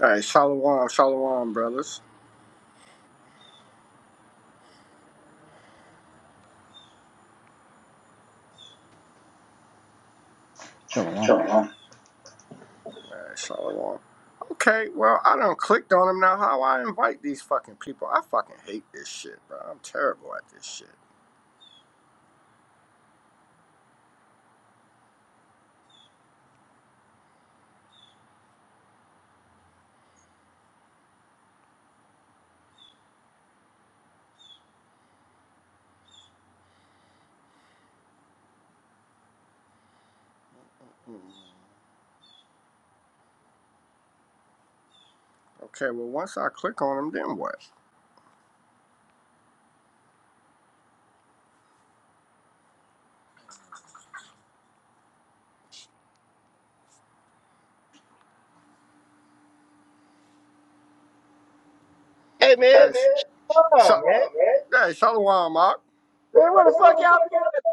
All right, shalom, shalom, brothers. Shalom. Shalom. All right, shalom. Okay, well, I done clicked on them now. How I invite these fucking people? I fucking hate this shit, bro. I'm terrible at this shit. Hmm. Okay, well, once I click on them, then what? Hey Hey, man, man. come on, Shal- Hold man. on, man. Hey, shalom, Mark. Man, what the fuck y'all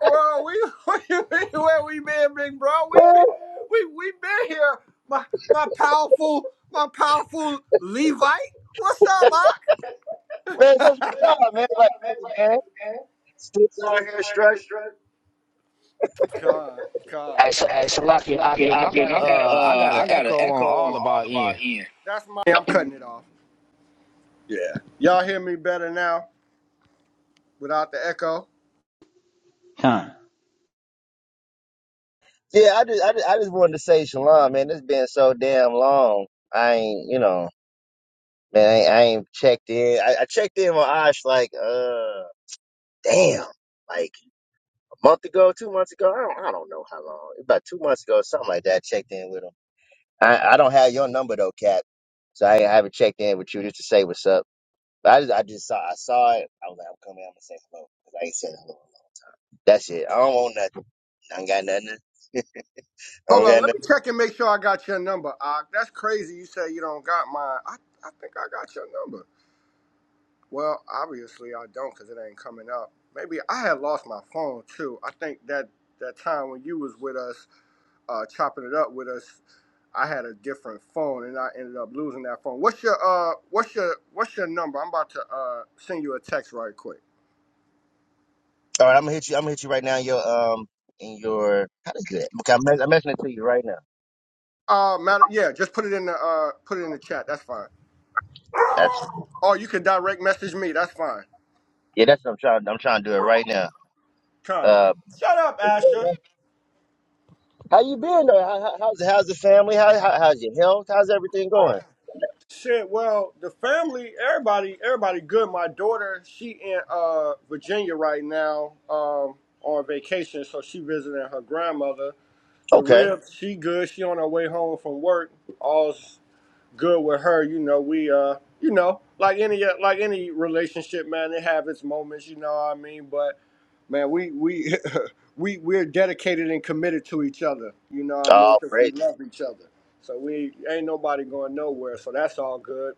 Well, we, what you mean where we been, big bro? been We been, doing? we, we been here. My, my powerful, my powerful Levite. What's Man, up, since we Mark? started, man, like, hey, man, still out here struggling. God, God, Hey, Sh- God. hey Shalaki Lucky Akim, I got Akim, a, I got a, uh, I uh, got an I got an echo on echo on all of our all of our end. end. That's my. Yeah, I'm cutting it off. Yeah. Y'all hear me better now without the echo? Khan. Yeah, I just, I just, I just wanted to say shalom, man. It's been so damn long. I ain't, you know, man, I ain't, I ain't checked in. I, I checked in with Ash like, uh, damn, like a month ago, two months ago. I don't, I don't know how long. About two months ago, something like that. I checked in with him. I, I don't have your number though, Cap. So I, I haven't checked in with you just to say what's up. But I just, I just saw, I saw it. I was like, I'm coming. I'm gonna say hello because I ain't said hello. That's it. I don't want nothing. I don't got nothing. I don't Hold on, got let me nothing. check and make sure I got your number. Ak. that's crazy. You say you don't got mine. I, I think I got your number. Well, obviously I don't because it ain't coming up. Maybe I had lost my phone too. I think that that time when you was with us, uh, chopping it up with us, I had a different phone and I ended up losing that phone. What's your uh what's your what's your number? I'm about to uh send you a text right quick. All right, I'm gonna hit you. I'm gonna hit you right now. in Your um, in your how to do that? Okay, I'm, mess- I'm messing it to you right now. Uh matter yeah, just put it in the uh put it in the chat. That's fine. That's Or you can direct message me. That's fine. yeah. That's what I'm trying. I'm trying to do it right now. Con. Uh, Shut up, but yeah, Asher. man. How you been though? How, how, how's how's the family? How, how how's your health? How's everything going? Shit, well, the family, everybody, everybody good. My daughter, she in uh Virginia right now, um, on vacation, so she visiting her grandmother The Okay. rib, she good. She on her way home from work. All's good with her. You know, we uh, you know, like any uh, like any relationship, man, it have its moments. You know what I mean? But man, we we we we're dedicated and committed to each other. You know what I mean? Oh, Because we great. love each other. So we ain't nobody going nowhere. So that's all good.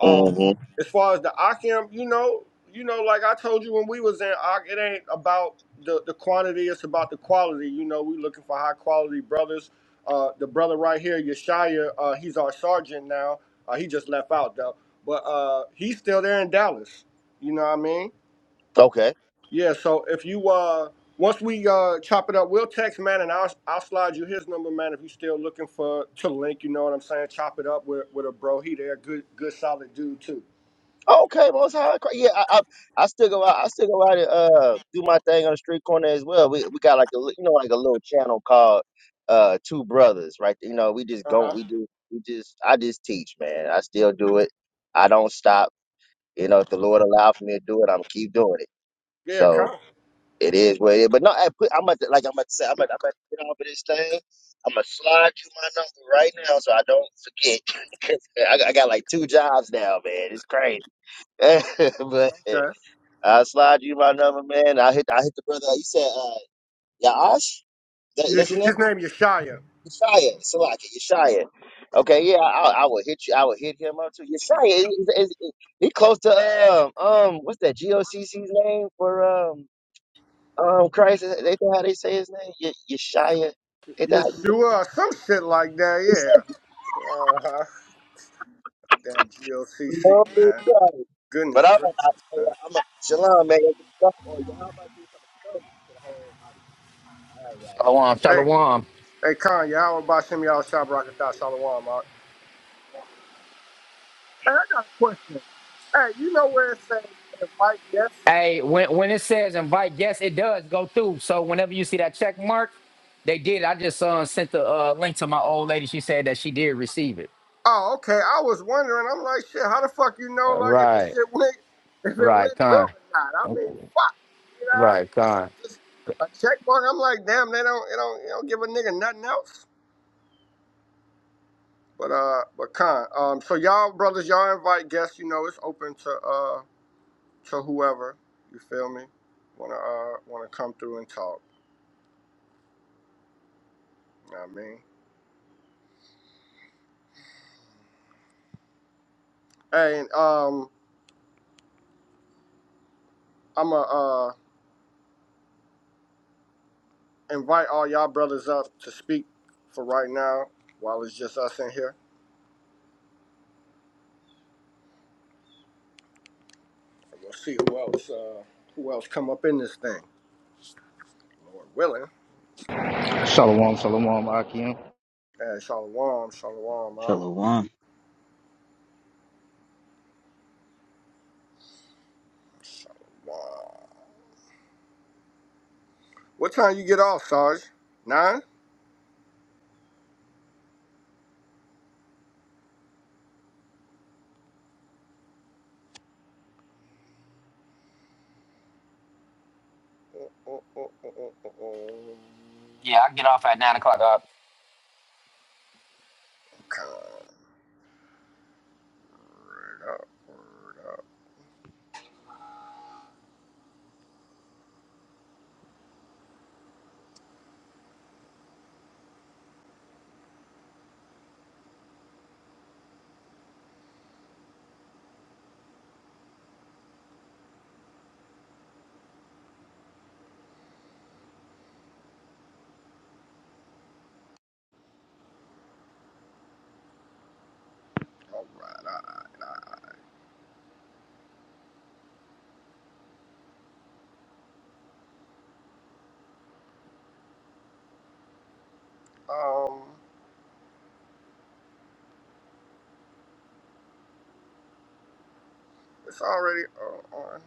Um, Mm-hmm. as far as the Akim, you know, you know, like I told you when we was in Ak, it ain't about the, the quantity, it's about the quality. You know, we looking for high quality brothers. Uh, the brother right here, Yeshaya, uh, he's our sergeant now. Uh, he just left out though, but uh, he's still there in Dallas. You know what I mean? okay. Yeah. So if you uh, once we uh, chop it up, we'll text man, and I'll I'll slide you his number, man. If you still looking for to link, you know what I'm saying? Chop it up with with a bro. He there, good good solid dude too. Okay, most high. Christ. Yeah, I, I I still go out. I still go out and uh do my thing on the street corner as well. We we got like a li- you know like a little channel called uh Two Brothers, right? You know, we just Uh go. huh. We do. We just. I just teach, man. I still do it. I don't stop. You know, if the Lord allowed for me to do it, I'm keep doing it. Yeah, So come. it is what it is. But no, I put, I'm about to like I'm about to say I'm about, I'm about to get off of this thing. I'm gonna slide you my number right now so I don't forget. 'Cause I, got- I got like two jobs now, man. It's crazy. but Okay. I'll slide you my number, man. I hit I hit the brother. You said uh Yaash? That, Yes- that's your name? His name Yeshaya. Yeshaya. Salaki, Yeshaya. Okay, yeah, I, I will hit you. I will hit him up too. Yeshaya is, is, is he close to um um what's that GOCC's name for um um Christ? Is that how they say his name? Ye- Yeshaya. Is that how- Yeshua or some shit like that, it's like, yeah. Uh huh. Damn G O C C No, man. sorry. But Goodness I'm gracious, I, man. I'm a Shalom, man. Y'all about to do something dope to the whole audience. All right, y'all. Shalom, Shalom. Hey, shalom. hey, Kanye, I was about some y'all shop rocket thought Shalom, Mark. Hey, I got a question. Hey, you know where it says invite guests? Hey, when when it says invite guests, it does go through. So whenever you see that check mark, they did. I just uh, sent the uh, link to my old lady. She said that she did receive it. Oh, okay. I was wondering. I'm like, shit. How the fuck you know, Uh, like, if the right, shit went, if it right, went through con, or not? I mean, fuck. You know what I right, mean? That con. shit just a check mark. I'm like, damn. They don't, they don't, they don't give a nigga nothing else. But uh, but con. Um, so y'all brothers, y'all invite guests. You know, it's open to uh to whoever. You feel me? Wanna uh wanna come through and talk. You know what I mean? Hey, and um, I'ma uh invite all y'all brothers up to speak for right now while it's just us in here. We'll see who else uh, who else come up in this thing. Lord willing. Shalom, shalom, Akim. Uh, shalom, shalom, uh, Shalom. shalom. What time you get off, Sarge? Nine? Uh, uh, uh, uh, uh, uh, uh. Yeah, I get off at nine o'clock. Uh, Word up, word up. All right. I, um, it's already uh, on.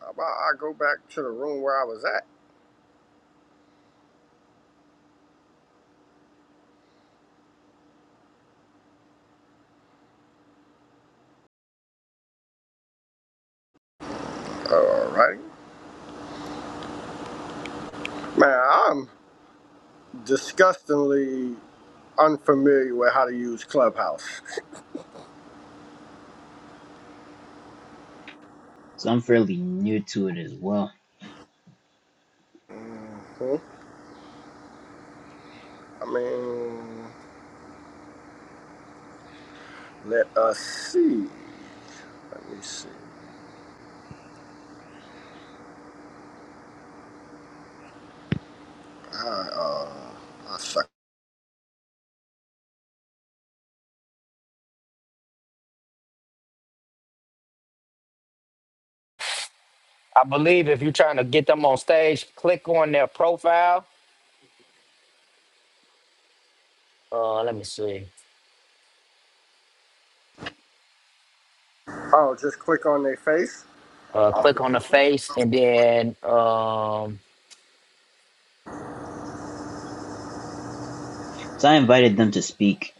How about I go back to the room where I was at? All right. Man, I'm disgustingly unfamiliar with how to use Clubhouse. So I'm fairly new to it as well. Hmm. I mean, let us see. Let me see. I, uh, I suck. I believe if you're trying to get them on stage, click on their profile. Uh, let me see. Oh, just click on their face. Uh, click on the face, and then um, So I invited them to speak.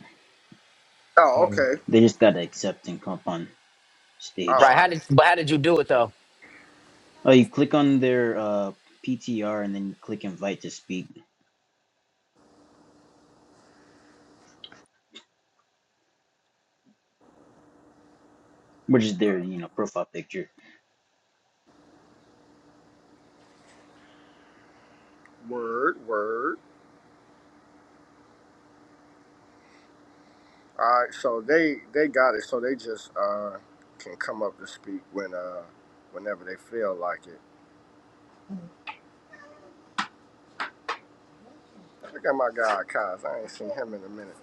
Oh, okay. They just gotta accept and come up on All stage. Right. How right. did but how did you do it though? Oh, you click on their uh, PTR and then you click invite to speak, which is their you know profile picture. Word, word. All right. So they they got it. So they just uh can come up to speak when uh whenever they feel like it. Look at my guy, Kaz. I ain't seen him in a minute.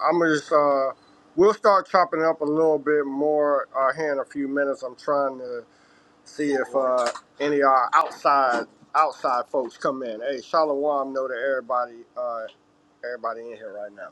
I'm just uh we'll start chopping it up a little bit more uh here in a few minutes. I'm trying to. see if uh, any of our outside outside folks come in. Hey, Shalom know that everybody uh, everybody in here right now.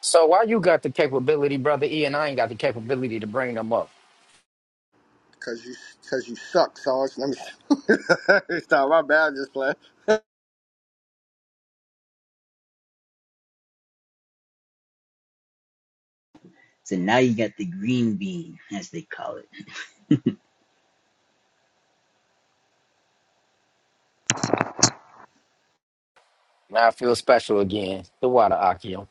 So why you got the capability, brother E, and I ain't got the capability to bring them up? Cause you cause you suck, Sarge. Let me stop. My bad, just playing. So now you got the green bean, as they call it. It Now I feel special again. The water Akio.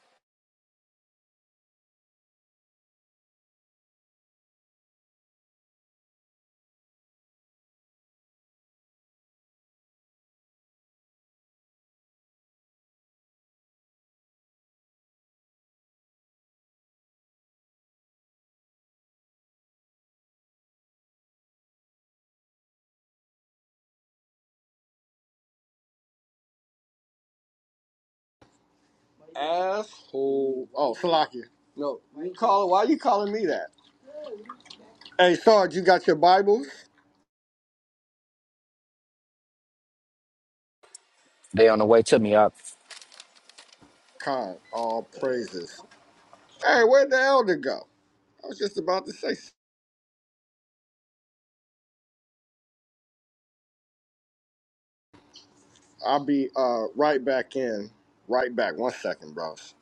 Asshole. Oh, Salakia. No, you calling? Why you calling me that? Hey, Sarge, you got your Bibles? They on the way to me up. Con, all praises. Hey, where'd the elder go? I was just about to say. s- I'll be uh, right back in. Right back. One second, bros.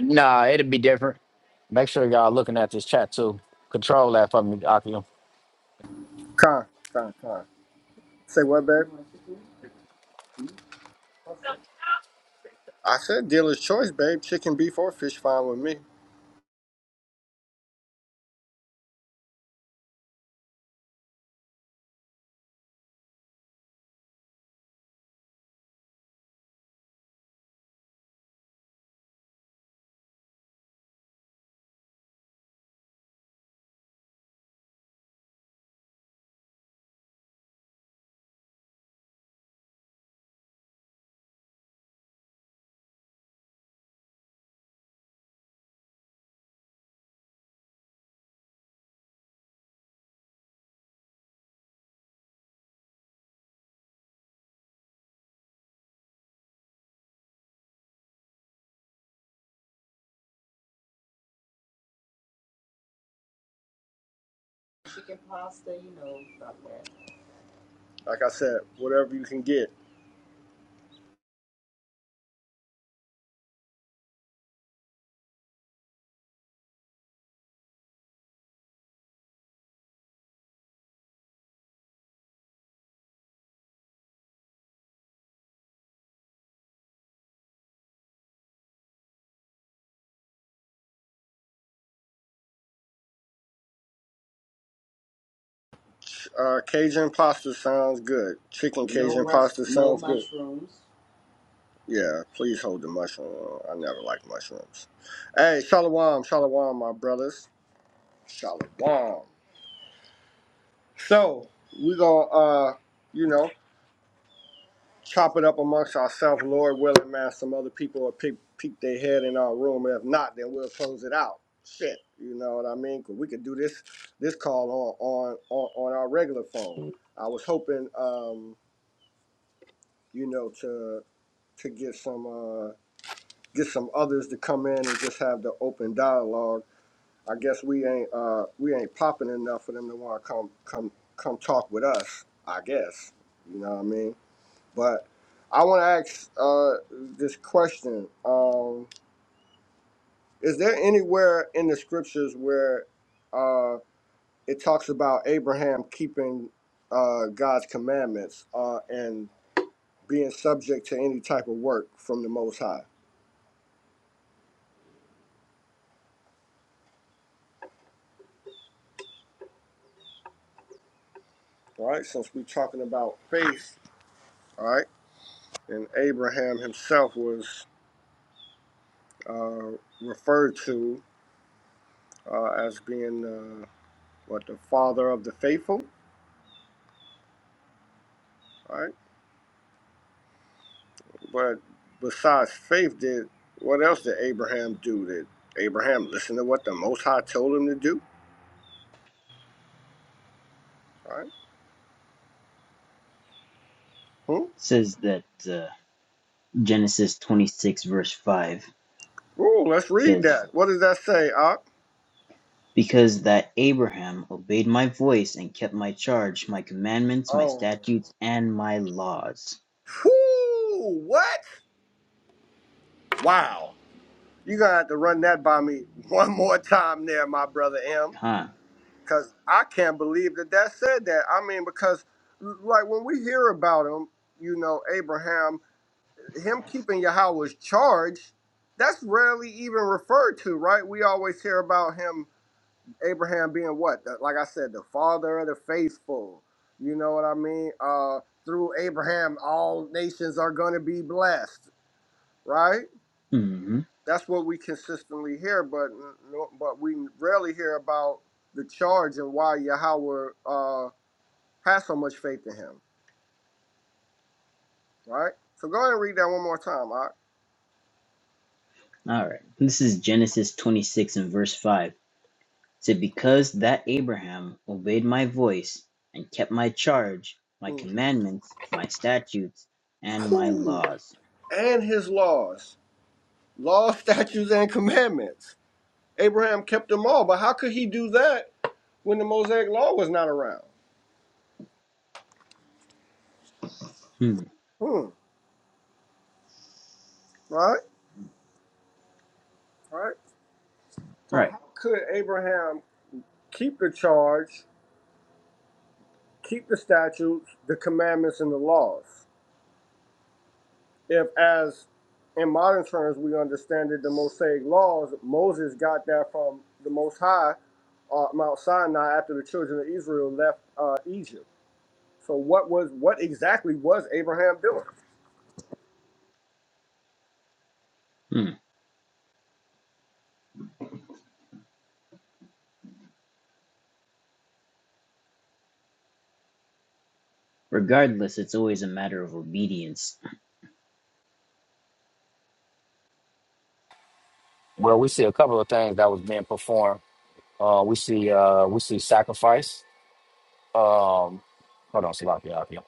Nah, it'll be different. Make sure y'all looking at this chat too. Control that for me, Akio. Con, con, con. Say what, babe? I said dealer's choice, babe. Chicken, beef, or fish, fine with me. Like I said, whatever you can get. Ch- Uh, Cajun pasta sounds good. Chicken No Cajun mush, pasta no sounds good. mushroom. Yeah, please hold the mushroom. I never like mushrooms. Hey, shalom, shalom, my brothers. Shalom. So, we gonna, uh, you know. chop it up amongst ourselves, Lord willing, man. Some other people will peek, peek their head in our room. If not, then we'll close it out. Shit, you know what I mean? 'Cause we could do this this call on on on, on our regular phone. I was hoping, um, you know, to to get some uh, get some others to come in and just have the open dialogue. I guess we ain't uh, we ain't popping enough for them to want to come come come talk with us. I guess you know what I mean. But I want to ask uh, this question: um, Is there anywhere in the scriptures where uh, it talks about Abraham keeping uh, God's commandments uh, and being subject to any type of work from the Most High? All right, since we're talking about faith, all right, and Abraham himself was uh, referred to uh, as being uh, what the father of the faithful, all right? But besides faith, did what else did Abraham do? Did Abraham listen to what the Most High told him to do? All right. Hmm? says that uh, Genesis 26 verse 5 Oh, let's read says, that. What does that say, Ock? "Because that Abraham obeyed my voice and kept my charge, my commandments, my Oh. statutes, and my laws." Whoo! What? Wow. You're going to have to run that by me one more time there, my brother M. Huh? Because I can't believe that that said that. I mean, because, like, when we hear about him, you know, Abraham him keeping Yahweh's charge, that's rarely even referred to, right? We always hear about him, Abraham being what? The- like I said, the father of the faithful. You know what I mean? Uh, through Abraham, all nations are going to be blessed, right? Mhm. That's what we consistently hear, but no- but we rarely hear about the charge and why Yahweh uh, has so much faith in him, right? So go ahead and read that one more time. All right. This is Genesis 26 and verse 5. It said, Because that Abraham obeyed my voice and kept my charge, my Whew. commandments, my statutes, and my laws. And his laws, laws, statutes, and commandments. Abraham kept them all, but how could he do that when the Mosaic law was not around? Hmm. Hmm. Right? Right? All So right. how could Abraham keep the charge, keep the statutes, the commandments, and the laws? if as in modern terms we understand it, the Mosaic laws, Moses got that from the Most High, uh, Mount Sinai, after the children of Israel left uh, Egypt. So what was what exactly was Abraham doing? Hmm. Regardless, it's always a matter of obedience. Well, we see a couple of things that was being performed. Uh, we see uh, we see sacrifice. Um, hold on, Salakia. Akio.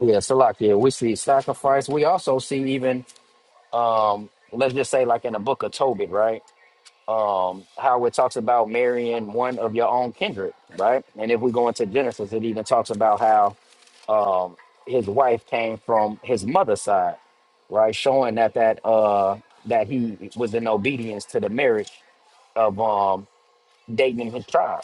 Yeah, Salakia. We see sacrifice. We also see even um, let's just say like in the book of Tobit, right? um, how it talks about marrying one of your own kindred, right? And if we go into Genesis, it even talks about how um, his wife came from his mother's side, right? Showing that that uh, that he was in obedience to the marriage of um, David and his tribe.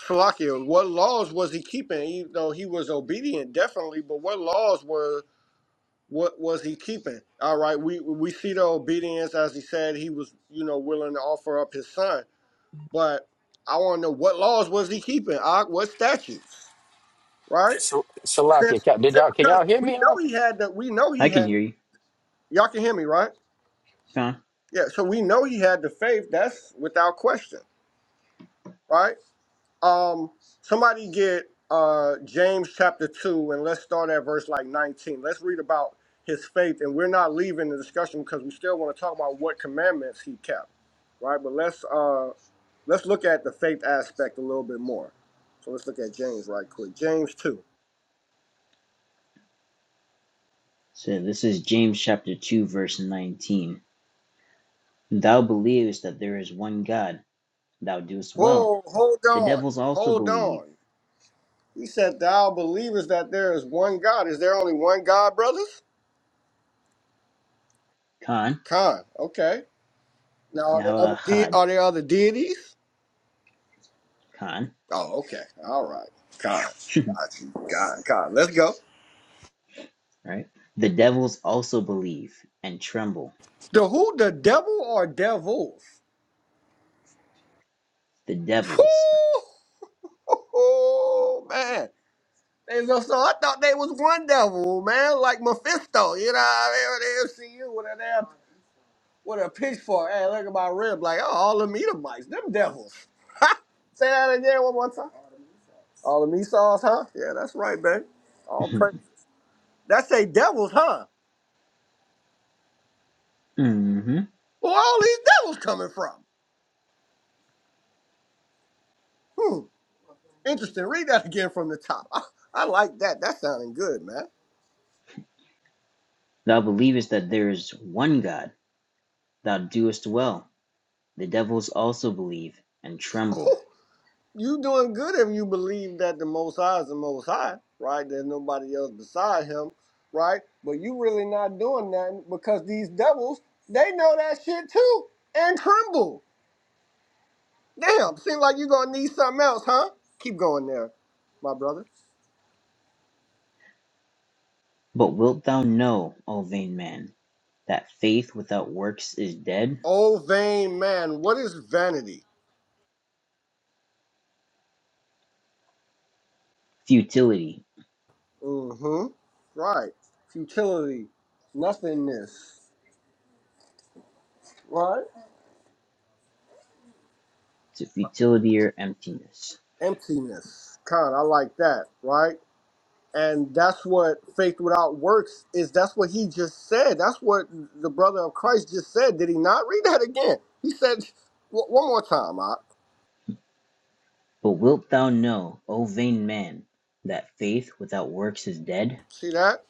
Shalakia, what laws was he keeping? Even though he was obedient, definitely, but what laws were what was he keeping? All right, we we see the obedience as he said he was, you know, willing to offer up his son. But I want to know what laws was he keeping? Ah, What statutes? right? So, Salakia, Since, ca- did since- y'all can because y'all hear we me? know he had the we know he I can had hear you. y'all can hear me right Huh? yeah so we know he had the faith that's without question right um somebody get uh james chapter 2 and let's start at verse like 19 let's read about his faith and we're not leaving the discussion because we still want to talk about what commandments he kept right but let's uh let's look at the faith aspect a little bit more so let's look at james right quick james 2 So this is James chapter 2, verse 19. Thou believest that there is one God. Thou doest well. whoa hold The on devils also hold believe. on He said, Thou believest that there is one God. Is there only one God, brothers? Khan. Khan. Okay. Now, are there Yahweh other, de- are there other deities? Khan. Oh, okay. All right. Khan. Got you. Khan. Khan. Let's go. right? The devils also believe and tremble. The who? The devil or devils? The Whew! devils. Oh, man. They so, so I thought they was one devil, man, like Mephisto, you know what I mean? With the MCU with a damn, with a pitchfork. Hey, look at my rib, like, oh, all them Edomites, them devils. Say that again one more time. All the Esau's, huh? Yeah, that's right, baby. All praises. That's a devil's, huh? hmm Where all these devils coming from? Hmm. Interesting. Read that again from the top. I, I like that. That's sounding good, man. Thou believest that there is one God. Thou doest well. The devils also believe and tremble. you doing good if you believe that the Most High is the Most High, right? There's nobody else beside Him, right? But you really not doing nothing because these devils, they know that shit too and tremble. Damn. Seems like you gonna need something else, huh? Keep going there, my brother. But wilt thou know, O vain man, that faith without works is dead? Oh, vain man, what is vanity? Futility Mm-hmm. Right. Futility, nothingness, right? to futility or emptiness. Emptiness. Kind, I like that, right? And that's what faith without works is. That's what he just said. That's what the brother of Christ just said. Did he not read that again? He said, w- one more time, I But wilt thou know, O vain man, that faith without works is dead? see that?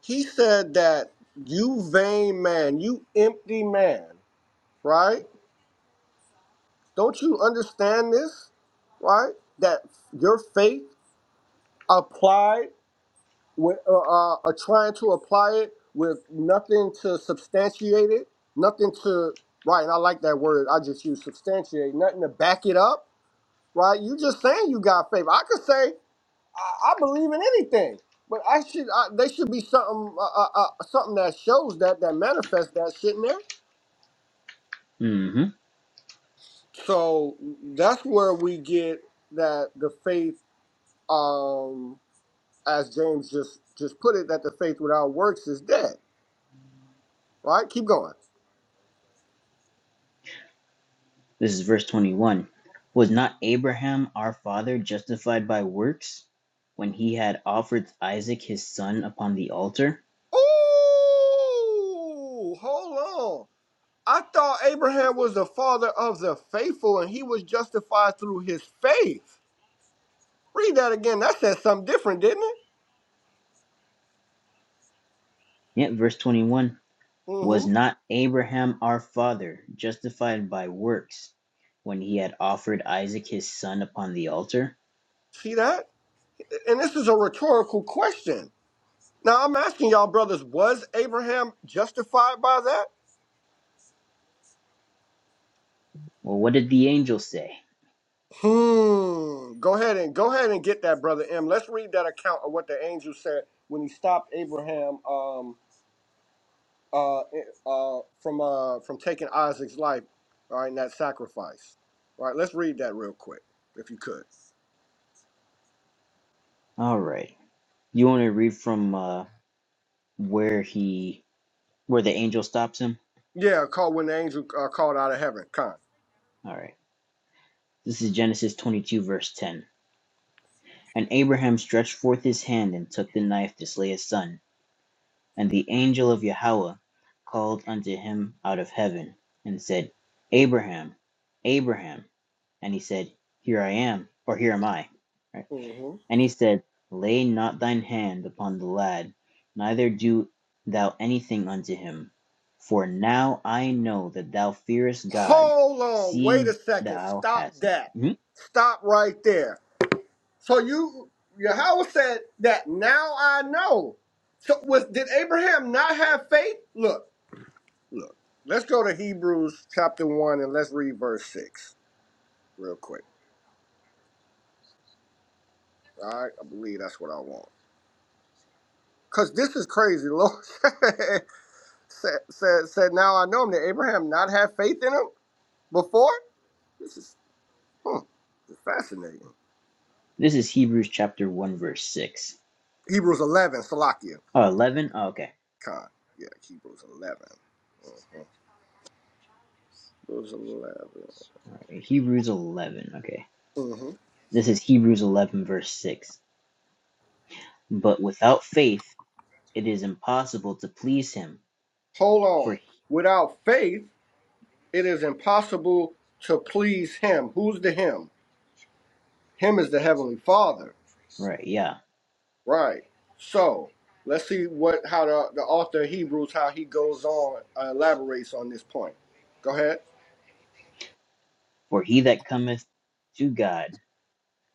He said that you vain man, you empty man, right? Don't you understand this? Right? That your faith applied with uh, uh, uh, trying to apply it with nothing to substantiate it, nothing to right. And I like that word. I just use substantiate, nothing to back it up. Right? You just saying you got faith. I could say I, I believe in anything, but I should. I, there should be something, uh, uh, uh, something that shows that that manifests that shit in there. Mm-hmm. So that's where we get that the faith. Um, as James just just put it, that the faith without works is dead. Right? Keep going. This is verse 21. Was not Abraham our father justified by works when he had offered Isaac his son upon the altar? Ooh, hold on. I thought Abraham was the father of the faithful, and he was justified through his faith. Read that again. That said something different, didn't it? Yet, verse 21. hmm Was not Abraham our father justified by works when he had offered Isaac his son upon the altar? See that? And this is a rhetorical question. Now I'm asking y'all, brothers, was Abraham justified by that? Well, what did the angel say? Hmm. Go ahead and go ahead and get that, brother M. Let's read that account of what the angel said when he stopped Abraham um uh eh, uh from uh from taking Isaac's life, all right, in that sacrifice. All right, let's read that real quick, if you could. All right. You want to read from uh, where he, where the angel stops him? Yeah, call when the angel uh, called out of heaven. Con. All right. This is Genesis 22, verse 10. And Abraham stretched forth his hand and took the knife to slay his son. And the angel of Yahweh called unto him out of heaven, and said, Abraham, Abraham. And he said, Here I am, or here am I. Right? hmm And he said, Lay not thine hand upon the lad, neither do thou anything unto him. For now I know that thou fearest God, Hold on, wait a seeing second. thou Stop hast. that. Mhm. Stop right there. So you Yahweh said that now I know. So was did Abraham not have faith? Look, look. Let's go to Hebrews chapter one and let's read verse six real quick. All right, I believe that's what I want. Cause this is crazy. The Lord said, said said now I know him. Did Abraham not have faith in him before? This is hmm, this is fascinating. This is Hebrews chapter 1, verse 6. Hebrews eleven, Salakia. Oh, 11. Oh, okay. Khan. Yeah, Hebrews 11 Mm-hmm. Hebrews eleven. Right, Hebrews 11. Okay. Mhm. This is Hebrews 11, verse 6. But without faith, it is impossible to please him. Hold on. For, he- Without faith, it is impossible to please him. Who's the him? Him is the heavenly Father. right, yeah. Right. So let's see what how the, the author of Hebrews how he goes on uh, elaborates on this point. Go ahead. For he that cometh to God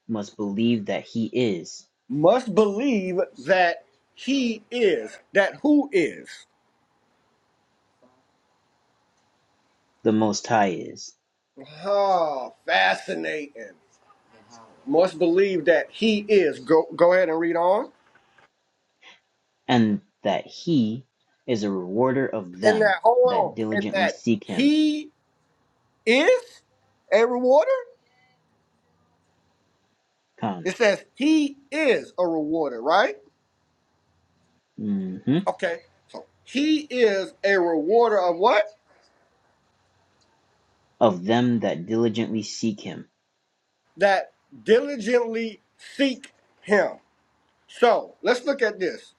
must believe that he is, Must believe that he is that who is. the Most High is, Ah, fascinating. Must believe that he is. Go go ahead and read on. and that he is a rewarder of And that them that hold on. And diligently that seek him. he Is a rewarder? Con. It says he is a rewarder, right? hmm Okay. So he is a rewarder of what? Of them that diligently seek him. That diligently seek him. So let's look at this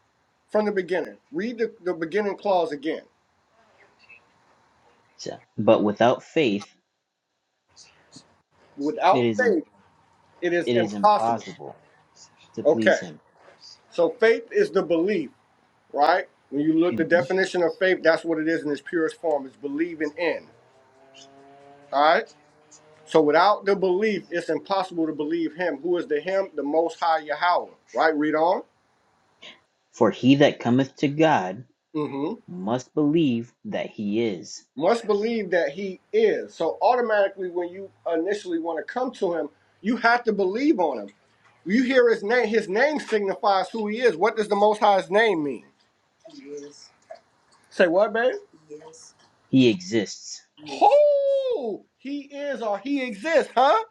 from the beginning. Read the, the beginning clause again. So, but without faith, it Without is, im- faith, it is it is impossible. impossible to please Okay. him. So faith is the belief, right? When you look the Mm-hmm. definition of faith, that's what it is in its purest form. It's believing in. All right. So without the belief, it's impossible to believe him. Who is the him? The most high Yahweh. Right? Read on. For he that cometh to God hmm must believe that he is, Must believe that he is. So automatically when you initially want to come to him, you have to believe on him. You hear his name. His name signifies who he is. What does the most high's name mean? Say what, babe? he exists, Oh, he is or he exists, huh?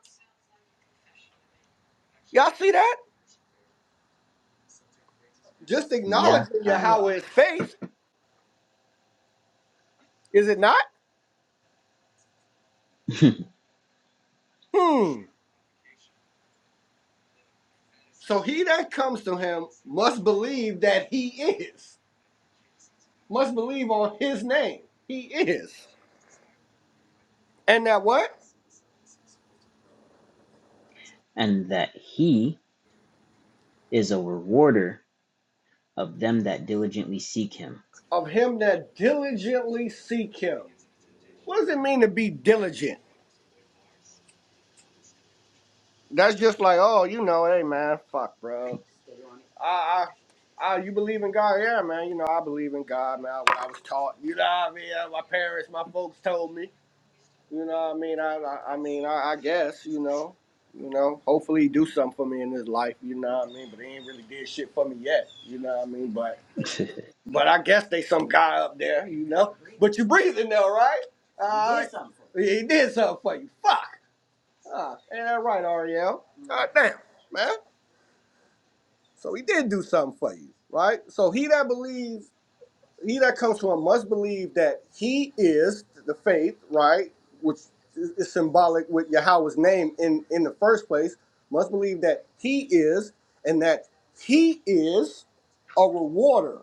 Y'all see that? Just acknowledging Yahweh, Yahweh's is faith, is it not? Hmm. So he that comes to him must believe that he is, must believe on his name. He is. And that what? and that he is a rewarder of them that diligently seek him, Of him that diligently seek him. What does it mean to be diligent? That's just like, oh, you know, hey man, fuck, bro. I, I, I you believe in God? Yeah, man. You know, I believe in God, man. What I was taught, you know what I mean? My parents, my folks told me. You know, what I mean, I, I, I mean, I, I guess, you know, you know, hopefully he do something for me in his life. You know what I mean? But he ain't really did shit for me yet. You know what I mean? But, but I guess they some guy up there, you know. But you breathing though, right? He did Alright. something for you. He did something for you. Fuck. Uh, ain't that right, Ariel? God damn, man. So he did do something for you, right? So he that believes he that comes to him must believe that he is the faith, right? Which is symbolic with Yahweh's name in, in the first place, must believe that he is and that he is a rewarder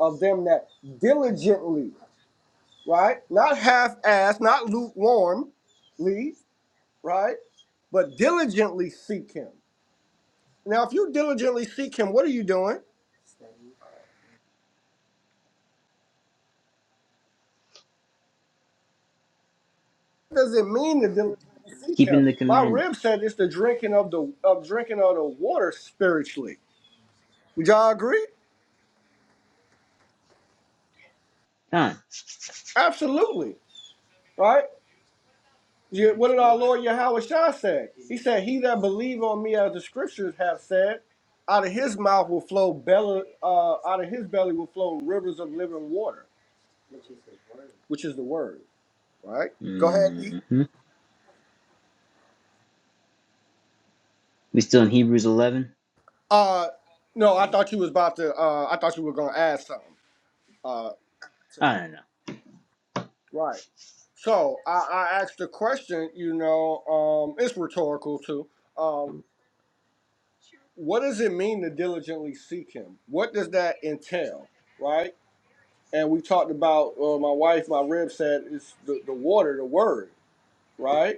of them that diligently, right? Not half assed, not lukewarmly, right? But diligently seek him. Now, if you diligently seek him, what are you doing? does it mean to them to seek keeping him? the My commandments. rib said it's the drinking of the of drinking of the water spiritually. Would y'all agree? Con. Absolutely. Right? You, what did our Lord Yahweh Shah say? He said, He that believe on me as the scriptures have said, out of his mouth will flow belly uh, out of his belly will flow rivers of living water, which is the word. Right? Go ahead, E. hmm We still in Hebrews 11? Uh no, I thought you was about to uh I thought you were gonna add something uh to I that. don't know. right? So I, I asked the question, you know, um, it's rhetorical too. Um, what does it mean to diligently seek him? What does that entail, right? And we talked about uh, my wife, my rib said it's the, the water, the word, right?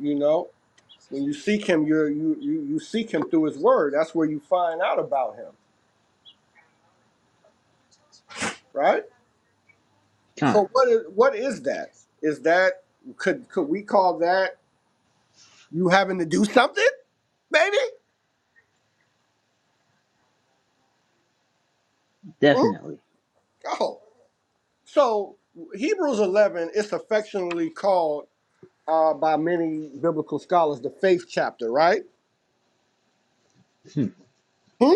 You know, when you seek him, you're, you you you seek him through his word. That's where you find out about him, right? Con. So what is what is that? Is that could could we call that you having to do something, maybe? Hmm? Definitely. Oh, So Hebrews 11 is affectionately called uh, by many biblical scholars the faith chapter, right? Hmm?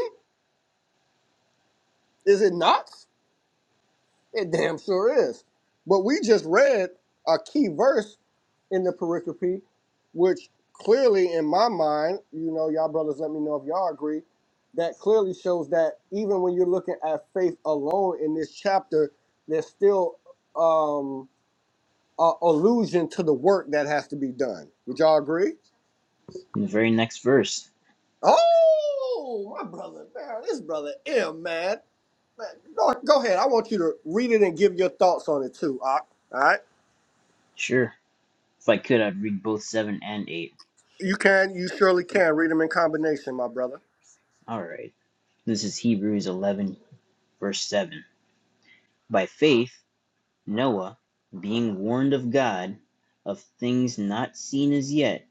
Is it not? It damn sure is. But we just read a key verse in the pericope, which clearly, in my mind, you know, y'all brothers, let me know if y'all agree. That clearly shows that even when you're looking at faith alone in this chapter, there's still um, a allusion to the work that has to be done. Would y'all agree? In the very next verse. Oh, my brother, man, this brother M, man. man go, go ahead. I want you to read it and give your thoughts on it too. All right, Sure. If I could, I'd read both 7 and 8. you can, you surely can read them in combination, my brother. All right. This is Hebrews 11, verse 7. By faith, Noah, being warned of God of things not seen as yet,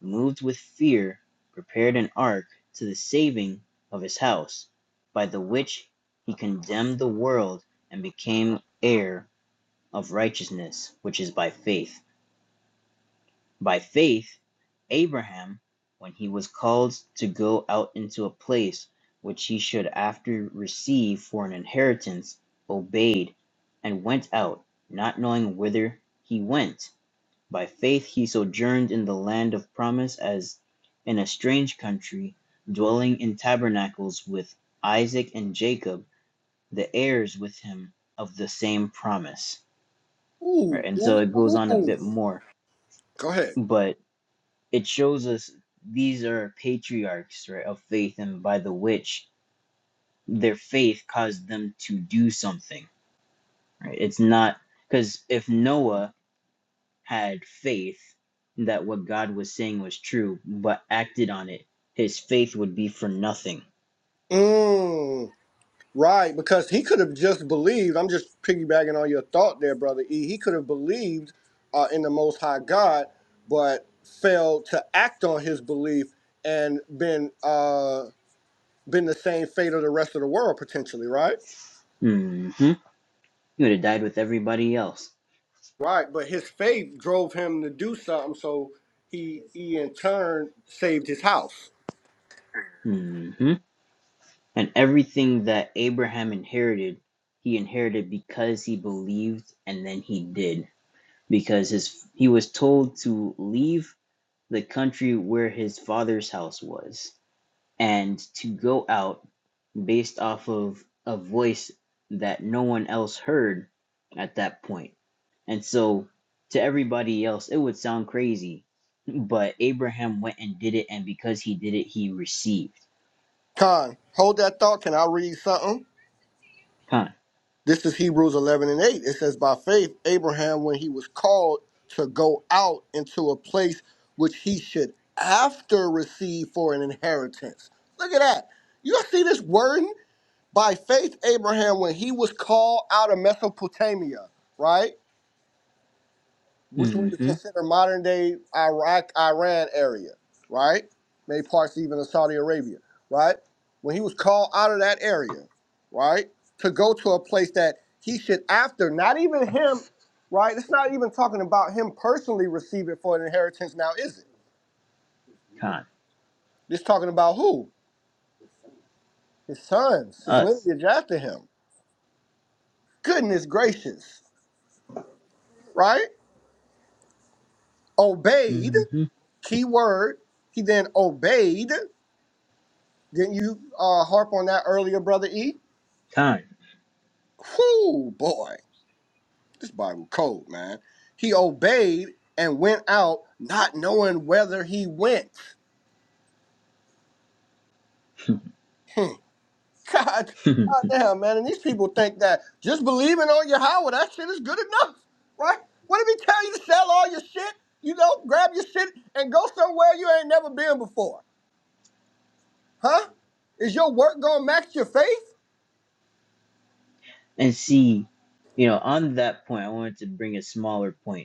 moved with fear, prepared an ark to the saving of his house, by the which he condemned the world and became heir of righteousness which is by faith. By faith, Abraham, when he was called to go out into a place which he should after receive for an inheritance, obeyed, and went out, not knowing whither he went. By faith he sojourned in the land of promise as in a strange country, dwelling in tabernacles with Isaac and Jacob, the heirs with him of the same promise. Ooh, Right? And ooh, so it goes ooh, on a ooh. bit more. Go ahead. But it shows us these are patriarchs right of faith and by the which their faith caused them to do something right it's not because if noah had faith that what god was saying was true but acted on it his faith would be for nothing Mm, right, because he could have just believed. I'm just piggybacking on your thought there, brother E. He could have believed uh, in the Most High God, but failed to act on his belief and been. uh. been the same fate of the rest of the world potentially, right? hmm he would have died with everybody else Right, but his faith drove him to do something, so he he in turn saved his house. hmm and everything that abraham inherited he inherited because he believed and then he did because his he was told to leave the country where his father's house was and to go out based off of a voice that no one else heard at that point. And so to everybody else it would sound crazy, but Abraham went and did it and because he did it he received. Con, hold that thought. Can I read something? Con. This is Hebrews eleven and eight. It says, "By faith, Abraham, when he was called to go out into a place which he should after receive for an inheritance." Look at that. You see this wording? By faith, Abraham, when he was called out of Mesopotamia, right? which we would Mhm. consider modern day Iraq, Iran area, right? Maybe parts even of Saudi Arabia, right? When he was called out of that area, right, to go to a place that he should, after not even him, right? It's not even talking about him personally receiving for an inheritance now, is it? Con. This talking about who? His sons, his Us. lineage after him. Goodness gracious, right? Obeyed, Mhm. key word. He then obeyed didn't you uh, harp on that earlier, brother E? Con. Whoo, boy, this Bible cold, man. He obeyed and went out, not knowing whether he went. God, and God damn, man. And these people think that just believing on Yahweh, that shit is good enough, right? What if he tell you to sell all your shit? You know, grab your shit and go somewhere you ain't never been before, huh? Is your work gonna match your faith? see, you know, on that point I wanted to bring a smaller point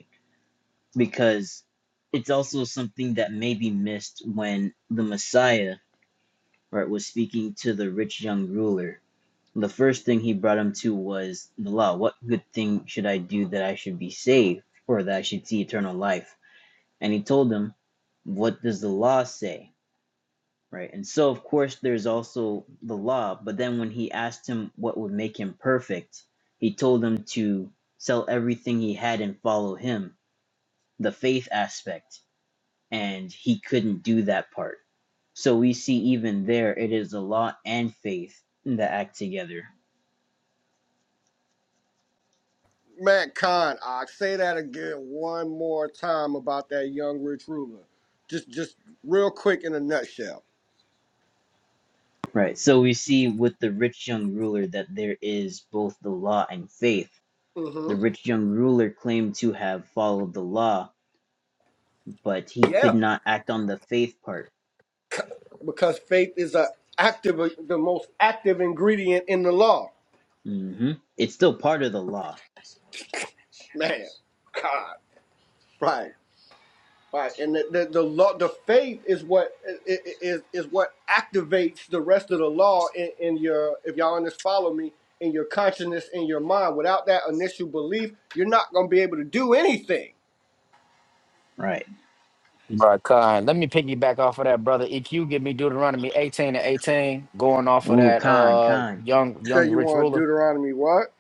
because it's also something that may be missed when the Messiah right was speaking to the rich young ruler. The first thing he brought him to was the law. What good thing should I do that I should be saved or that I should see eternal life? And he told him, What does the law say? Right. And so of course there's also the law, but then when he asked him what would make him perfect, he told him to sell everything he had and follow him, the faith aspect and he couldn't do that part. So we see even there it is a law and faith that act together. Man, Con, I say that again one more time about that young rich ruler. Just, just real quick in a nutshell Right. So we see with the rich young ruler that there is both the law and faith. hmm The rich young ruler claimed to have followed the law, but he Yeah, could not act on the faith part. because faith is a active, the most active ingredient in the law. hmm It's still part of the law. Man, God, right, right, and the the, the law, the faith is what i- i- is is what activates the rest of the law in, in your. If y'all on this follow me in your consciousness in your mind. Without that initial belief, you're not gonna be able to do anything. Right. Right, Khan. Let me piggyback off of that, brother. EQ, give me Deuteronomy 18 to 18, going off of Ooh, that Khan, uh Khan, young You say young you rich want ruler, Deuteronomy what?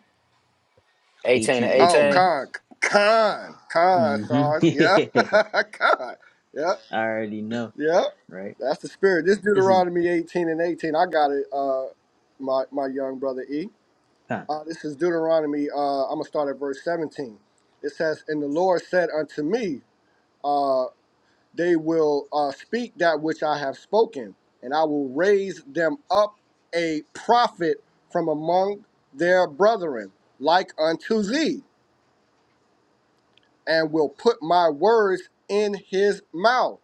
18 to Oh, 18. 1818. con, con, con, sorry, yeah, Mm-hmm. con. Yeah. I already know, Yeah, right? that's the spirit. This This is Deuteronomy 18 and 18. I got it, uh, my, my young brother E. Khan. Uh, this is Deuteronomy, uh, I'm going to start at verse 17. It says, And the Lord said unto me, uh, They will uh, speak that which I have spoken, and I will raise them up a prophet from among their brethren, like unto thee, and will put my words in his mouth.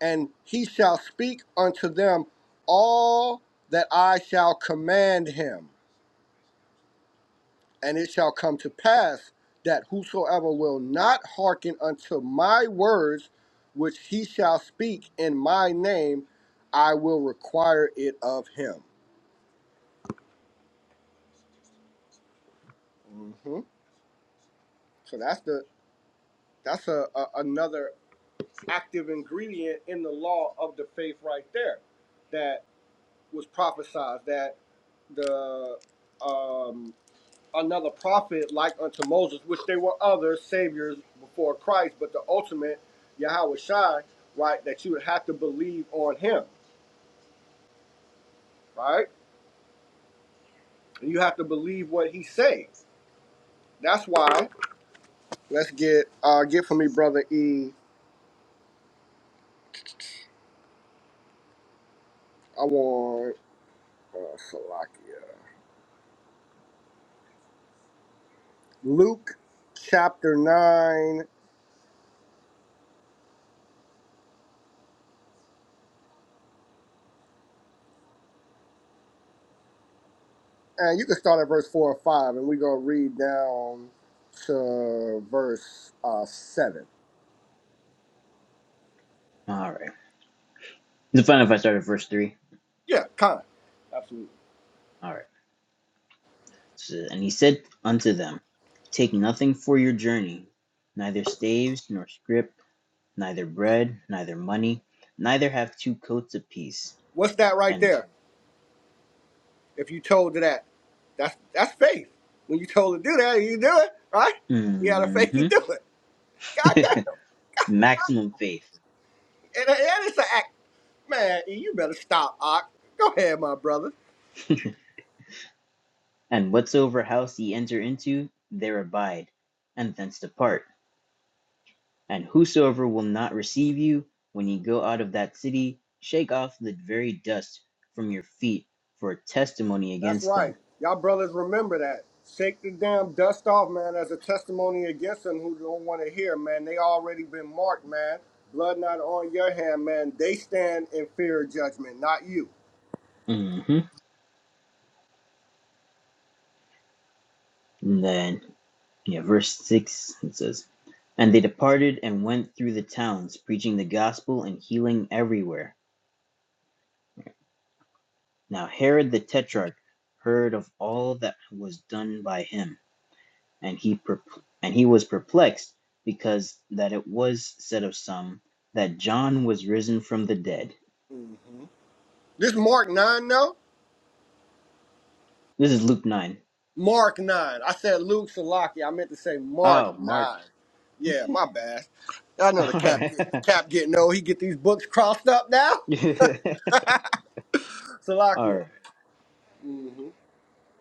and he shall speak unto them all that I shall command him. And it shall come to pass that whosoever will not hearken unto my words, which he shall speak in my name, I will require it of him. hmm So that's the that's a, a another active ingredient in the law of the faith right there, that was prophesied that the um, another prophet like unto Moses, which they were other saviors before Christ, but the ultimate Yahweh Shai, right, that you would have to believe on him, right? And you have to believe what he says. That's why let's get uh get for me, brother E. I want uh Salakia. Luke chapter nine. And you can start at verse four or five and we're gonna read down to verse uh seven. All right. Is it fine if I start at verse 3? Yeah, kind. of. Absolutely. All right. It And he said unto them, Take nothing for your journey, neither staves, nor scrip, neither bread, neither money, neither have two coats apiece, What's that right and there? If you told to that, that's that's faith. When you told to do that, you do it, right? You had a faith to mhm, do it. God damn. maximum faith. And, and it's an act. Man, E, you better stop, Ock. Go ahead, my brother. and whatsoever house ye enter into, there abide, and thence depart. And whosoever will not receive you, when ye go out of that city, shake off the very dust from your feet for a testimony That's against them. right. Y'all brothers remember that. Shake the damn dust off, man, as a testimony against them who don't want to hear, man. They already been marked, man. Blood not on your hand, man. They stand in fear of judgment, not you. hmm And then, yeah, verse 6, it says, And they departed and went through the towns, preaching the gospel and healing everywhere. Now Herod the Tetrarch heard of all that was done by him, and he perp- and he was perplexed, because that it was said of some that John was risen from the dead. hmm This Mark 9, though? This is Luke 9. Mark 9. I said Luke Salaki. I meant to say Mark Oh, Mark. 9. Yeah, my bad. I know the All cap right. the cap getting old. He get these books crossed up now. All Salakia. right. hmm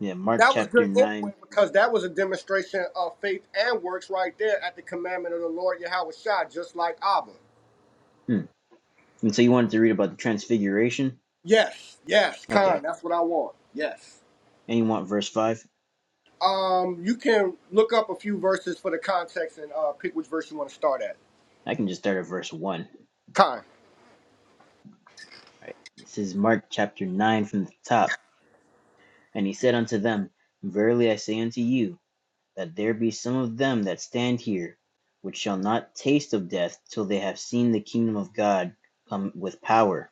Yeah, Mark That was chapter good anyway 9. because that was a demonstration of faith and works right there at the commandment of the Lord Yahweh Shah, just like Abba. Hmm. And so you wanted to read about the transfiguration? Yes, yes, Khan. Okay. That's what I want. Yes. And you want verse 5? Um, you can look up a few verses for the context and uh, pick which verse you want to start at. I can just start at verse 1. All Khan. right. This is Mark chapter 9 from the top. And he said unto them, Verily I say unto you, that there be some of them that stand here, which shall not taste of death till they have seen the kingdom of God come with power.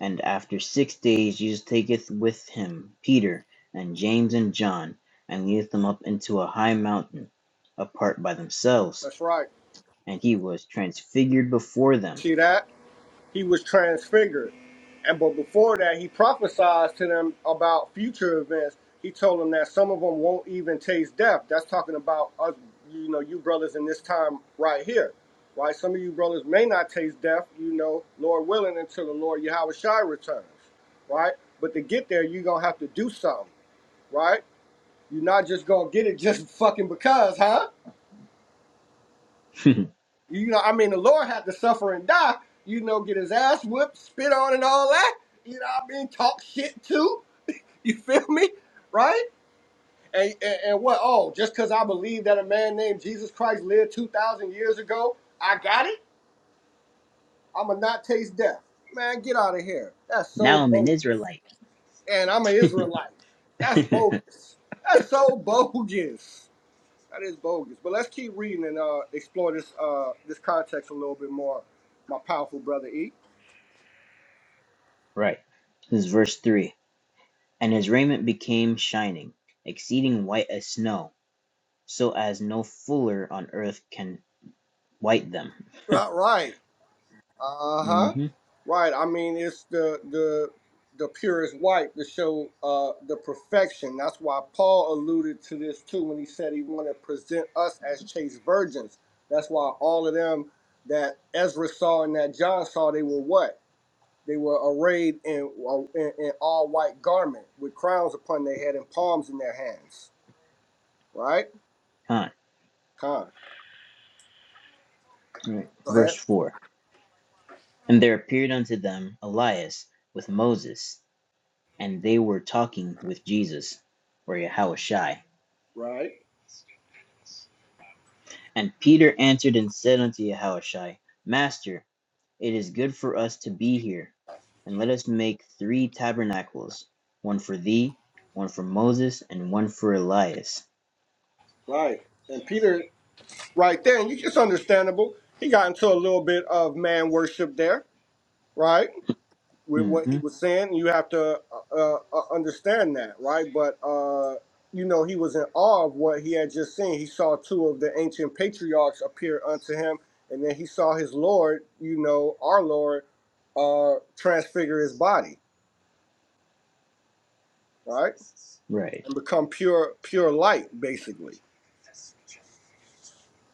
And after six days Jesus taketh with him Peter and James and John, and leadeth them up into a high mountain, apart by themselves. That's right. And he was transfigured before them. See that? he was transfigured. And but before that, he prophesied to them about future events. He told them that some of them won't even taste death. That's talking about us, you know, you brothers in this time right here, right? Some of you brothers may not taste death, you know, Lord willing, until the Lord Yahweh Shai returns, right? But to get there, you're gonna have to do something, right? You're not just gonna get it just fucking because, huh? You know, I mean, the Lord had to suffer and die. You know, get his ass whipped, spit on, and all that. You know, what I mean, talk shit too. You feel me, right? And and, and what? Oh, just because I believe that a man named Jesus Christ lived two thousand years ago, I got it. I'ma not taste death. Man, get out of here. That's so Now I'm an bogus. Israelite. And I'm an Israelite. That's bogus. That's so bogus. That is bogus. But let's keep reading and uh, explore this uh, this context a little bit more, my powerful brother E. right. This is verse 3. And his raiment became shining, exceeding white as snow, so as no fuller on earth can white them. Right, right. Uh huh. Mm-hmm. Right. I mean, it's the the the purest white to show uh the perfection. That's why Paul alluded to this too when he said he wanted to present us as chaste virgins. That's why all of them that Ezra saw and that John saw, they were what? They were arrayed in uh, in, in all white garment with crowns upon their head and palms in their hands. Right. Huh. Con. Right. Go ahead. Verse 4. And there appeared unto them Elias with Moses, and they were talking with Jesus, or Yahushai. Right. And Peter answered and said unto Yahushua, Master, it is good for us to be here, and let us make three tabernacles, one for thee, one for Moses, and one for Elias. Right. And Peter. right there, and you it's understandable. He got into a little bit of man worship there, right? With what he hmm was saying, you have to uh, uh, uh, understand that, right? But uh, you know, he was in awe of what he had just seen. He saw two of the ancient patriarchs appear unto him, and then he saw his Lord, you know, our Lord, uh, transfigure his body, right, Right. and become pure, pure light, basically.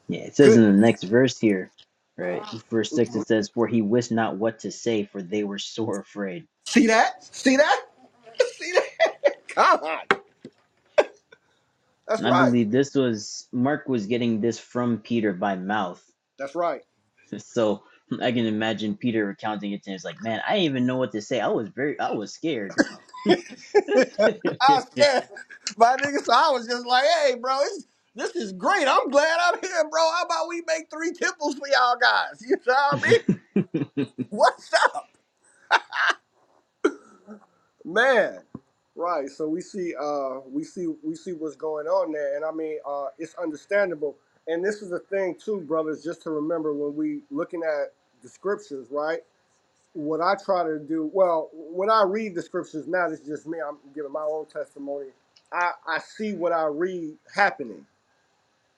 Yeah, it says in Good. the next verse here, right, verse 6, it says, For he wist not what to say, for they were sore afraid. See that? See that? See that? God. That's And I right. believe this was, Mark was getting this from Peter by mouth That's right. So I can imagine Peter recounting it to him. It's like, man, I didn't even know what to say. I was very, I was scared. I was scared. My nigga, so I was just like, hey, bro, it's, this is great. I'm glad I'm here, bro. How about we make three temples for y'all guys? You know what I mean? What's up? Man. Right. So we see uh we see we see what's going on there. And I mean uh it's understandable. And this is the thing too, brothers, just to remember when we looking at the scriptures, right? what I try to do, well, when I read the scriptures now, this is just me. I'm giving my own testimony. I, I see what I read happening.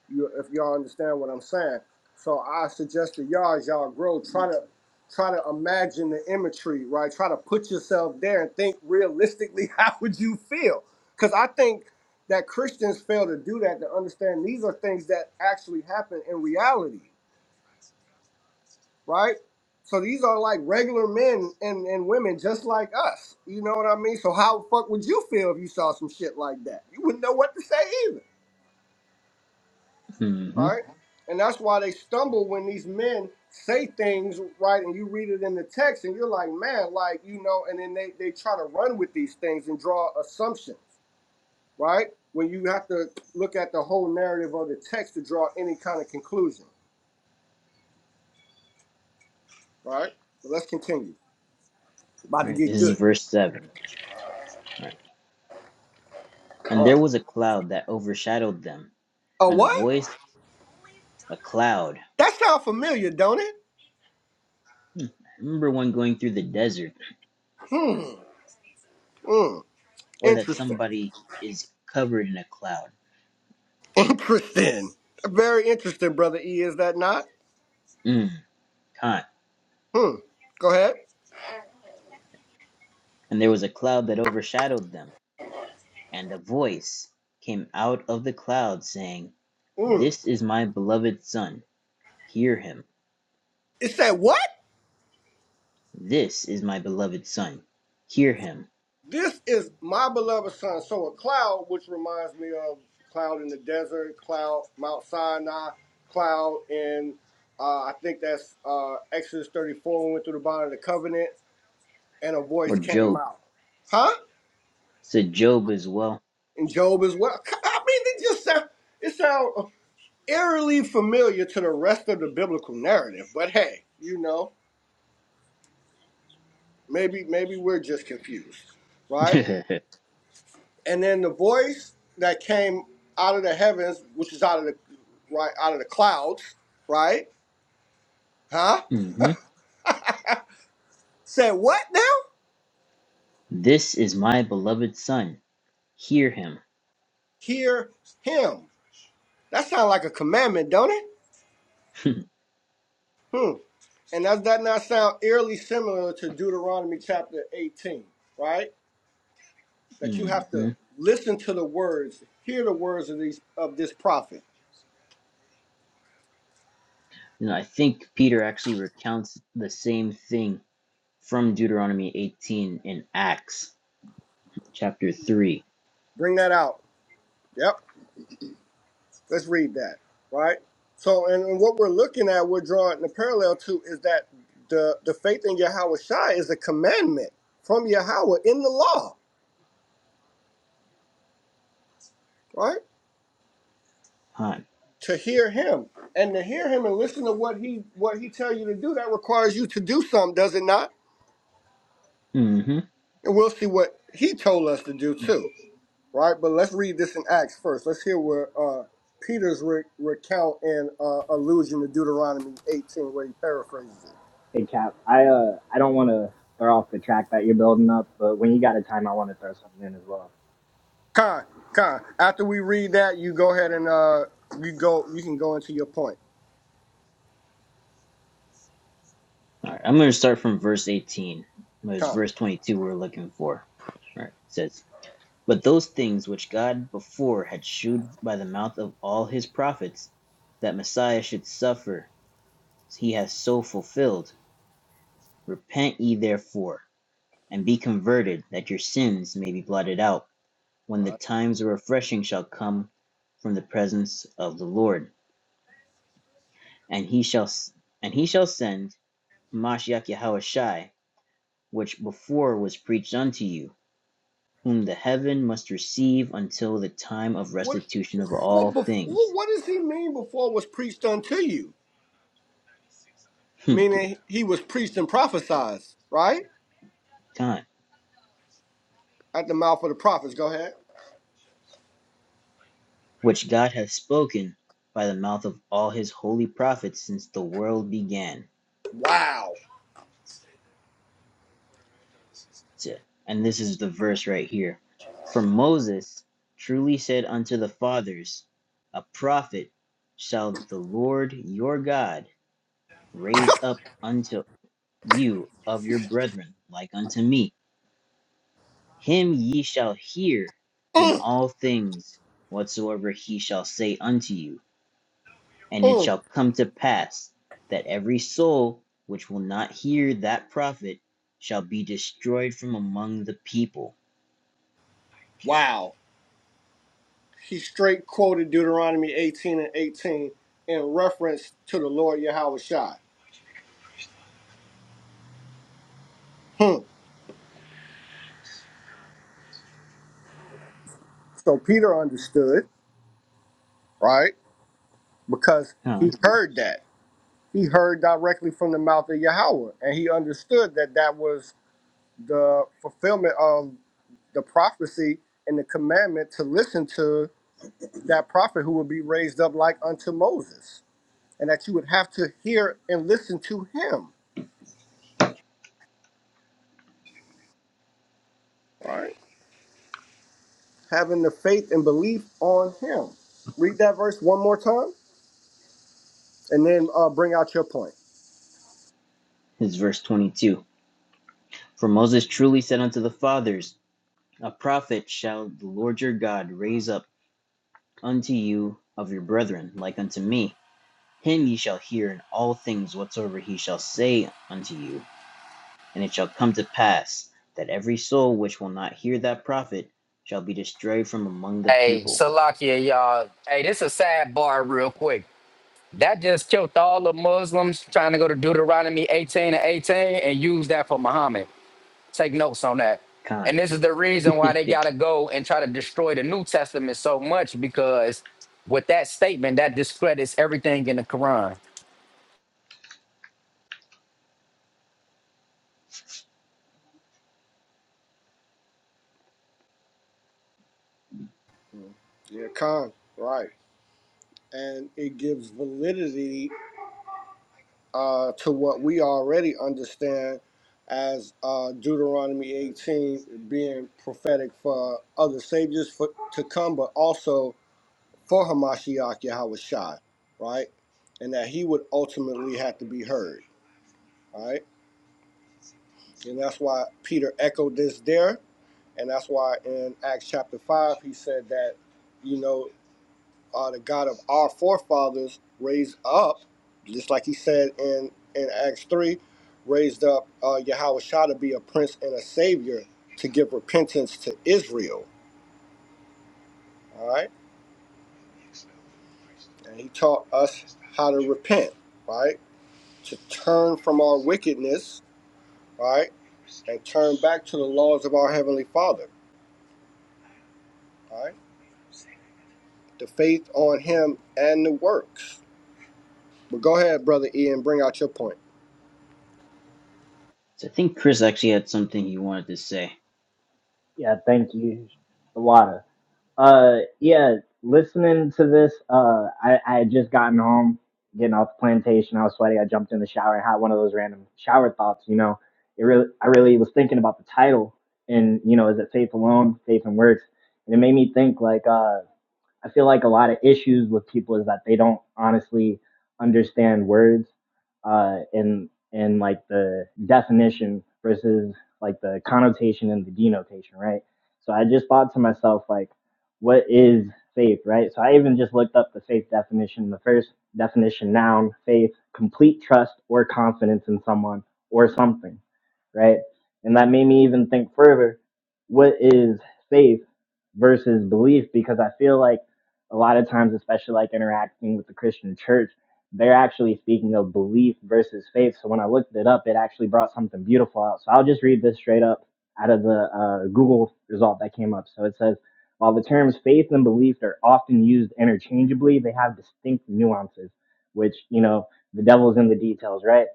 You, if y'all understand what I'm saying, so I suggest to y'all as y'all grow, try to try to imagine the imagery, right? Try to put yourself there and think realistically. How would you feel? Because I think that Christians fail to do that to understand these are things that actually happen in reality right? So these are like regular men and, and women just like us. You know what I mean? So how the fuck would you feel if you saw some shit like that? You wouldn't know what to say either, hmm right? And that's why they stumble when these men say things, right? And you read it in the text and you're like, man, like, you know, and then they, they try to run with these things and draw assumptions, right? When you have to look at the whole narrative of the text to draw any kind of conclusion, right? But let's continue. About to Right. This get is good. verse seven. All Right. And there was a cloud that overshadowed them, Oh, and a what? voice, a cloud. That sounds familiar, don't it? Hmm. I remember one going through the desert, Hmm. Hmm. or that Interesting. somebody is covered in a cloud. Interesting. Very interesting, brother E. Is that not? Mm, can't. Hmm. Go ahead. And there was a cloud that overshadowed them, and a voice came out of the cloud saying, Hmm. "This is my beloved son. Hear him." It said what? This is my beloved son. Hear him. This is my beloved son. So a cloud, which reminds me of cloud in the desert, cloud Mount Sinai, cloud in uh, I think that's uh, Exodus 34 when we went through the bond of the covenant, and a Or voice came Job. out. Huh? said, Job as well. And Job as well. I mean, it just sound. It sound. eerily familiar to the rest of the biblical narrative, but hey, you know, maybe maybe we're just confused, right? And then the voice that came out of the heavens, which is out of the right out of the clouds, right? Huh? hmm Said what now? This is my beloved son. Hear him. Hear him. That sounds like a commandment, don't it? Hmm. And does that not sound eerily similar to Deuteronomy chapter 18, right? that you hmm have to And listen to the words, hear the words of these of this prophet. I think Peter actually recounts the same thing from Deuteronomy 18 in Acts chapter 3. Bring that out. Yep. Let's read that. Right. So, and, and what we're looking at, we're drawing the parallel to is that the the faith in Yahweh Shai is a commandment from Yahweh in the law. Right. Huh. To hear Him and to hear Him and listen to what He what He tell you to do, that requires you to do something, does it not? hmm And we'll see what He told us to do too. right? But let's read this in Acts first. Let's hear what uh, Peter's re- recount and uh, allusion to Deuteronomy 18, where he paraphrases it. Hey Cap, I uh I don't want to throw off the track that you're building up, but when you got a time, I want to throw something in as well. Con, con. After we read that, you go ahead and uh, you go. You can go into your point. All right, I'm going to start from verse 18. It was Con. verse 22 we're looking for. All right, it says, But those things which God before had shewed by the mouth of all his prophets, that Messiah should suffer, he hath so fulfilled. Repent ye therefore, and be converted, that your sins may be blotted out, when the Right. times of refreshing shall come from the presence of the Lord. And he shall and he shall send Hamashiach Yahushai, which before was preached unto you, whom the heaven must receive until the time of What? restitution of Well, all before things. what does he mean? Before was preached unto you, meaning he was preached and prophesied, right? time, At the mouth of the prophets. Go ahead. which God hath spoken by the mouth of all his holy prophets since the world began. Wow. So, And this is the verse right here. For Moses truly said unto the fathers, A prophet shall the Lord your God raise up unto you of your brethren, like unto me. Him ye shall hear in Mm, all things whatsoever he shall say unto you And it mm, shall come to pass that every soul which will not hear that prophet shall be destroyed from among the people. wow. he straight quoted Deuteronomy 18 and 18 in reference to the Lord Yahweh Shai. Hmm. So Peter understood, right? Because Huh? he heard that. He heard directly from the mouth of Yahweh, and he understood that that was the fulfillment of the prophecy and the commandment to listen to that prophet who would be raised up like unto Moses, and that you would have to hear and listen to him, having the faith and belief on him. Read that verse one more time. and then uh, bring out your point. This is verse 22. For Moses truly said unto the fathers, A prophet shall the Lord your God raise up unto you of your brethren, like unto me. Him ye shall hear in all things whatsoever he shall say unto you. And it shall come to pass that every soul which will not hear that prophet shall be destroyed from among the Hey, people. Salakia, y'all. Hey, this is a sidebar real quick. That just killed all the Muslims trying to go to Deuteronomy 18 and 18 and use that for Muhammad. Take notes on that. Con. And this is the reason why they Yeah. got to go and try to destroy the New Testament so much because with that statement, that discredits everything in the Quran. Yeah, con right, and it gives validity uh, to what we already understand as uh, Deuteronomy 18 being prophetic for other saviors for, to come, but also for Hamashiach Yahweh right, and that he would ultimately have to be heard, right, and that's why Peter echoed this there, and that's why in Acts chapter five he said that. You know, uh, the God of our forefathers raised up, just like he said in, in Acts 3, raised up uh, Yahweh to be a prince and a savior to give repentance to Israel. All right. And he taught us how to repent, right? To turn from our wickedness, right? And turn back to the laws of our Heavenly Father, all right? The faith on him and the works. But go ahead, Brother Ian, bring out your point. So I think Chris actually had something he wanted to say. Yeah, thank you, the water. Uh, yeah, listening to this, uh, I I had just gotten home, getting off the plantation. I was sweaty. I jumped in the shower and had one of those random shower thoughts. You know, it really I really was thinking about the title and you know, is it faith alone, faith and works, and it made me think like uh. I feel like a lot of issues with people is that they don't honestly understand words uh, and and like the definition versus like the connotation and the denotation, right? So I just thought to myself like, what is faith, right? So I even just looked up the faith definition. The first definition, noun, faith, complete trust or confidence in someone or something, right? And that made me even think further, what is faith versus belief? Because I feel like a lot of times, especially like interacting with the Christian church, they're actually speaking of belief versus faith. So when I looked it up, it actually brought something beautiful out. So I'll just read this straight up out of the uh, Google result that came up. So it says, while the terms faith and belief are often used interchangeably, they have distinct nuances, which, you know, the devil's in the details, right?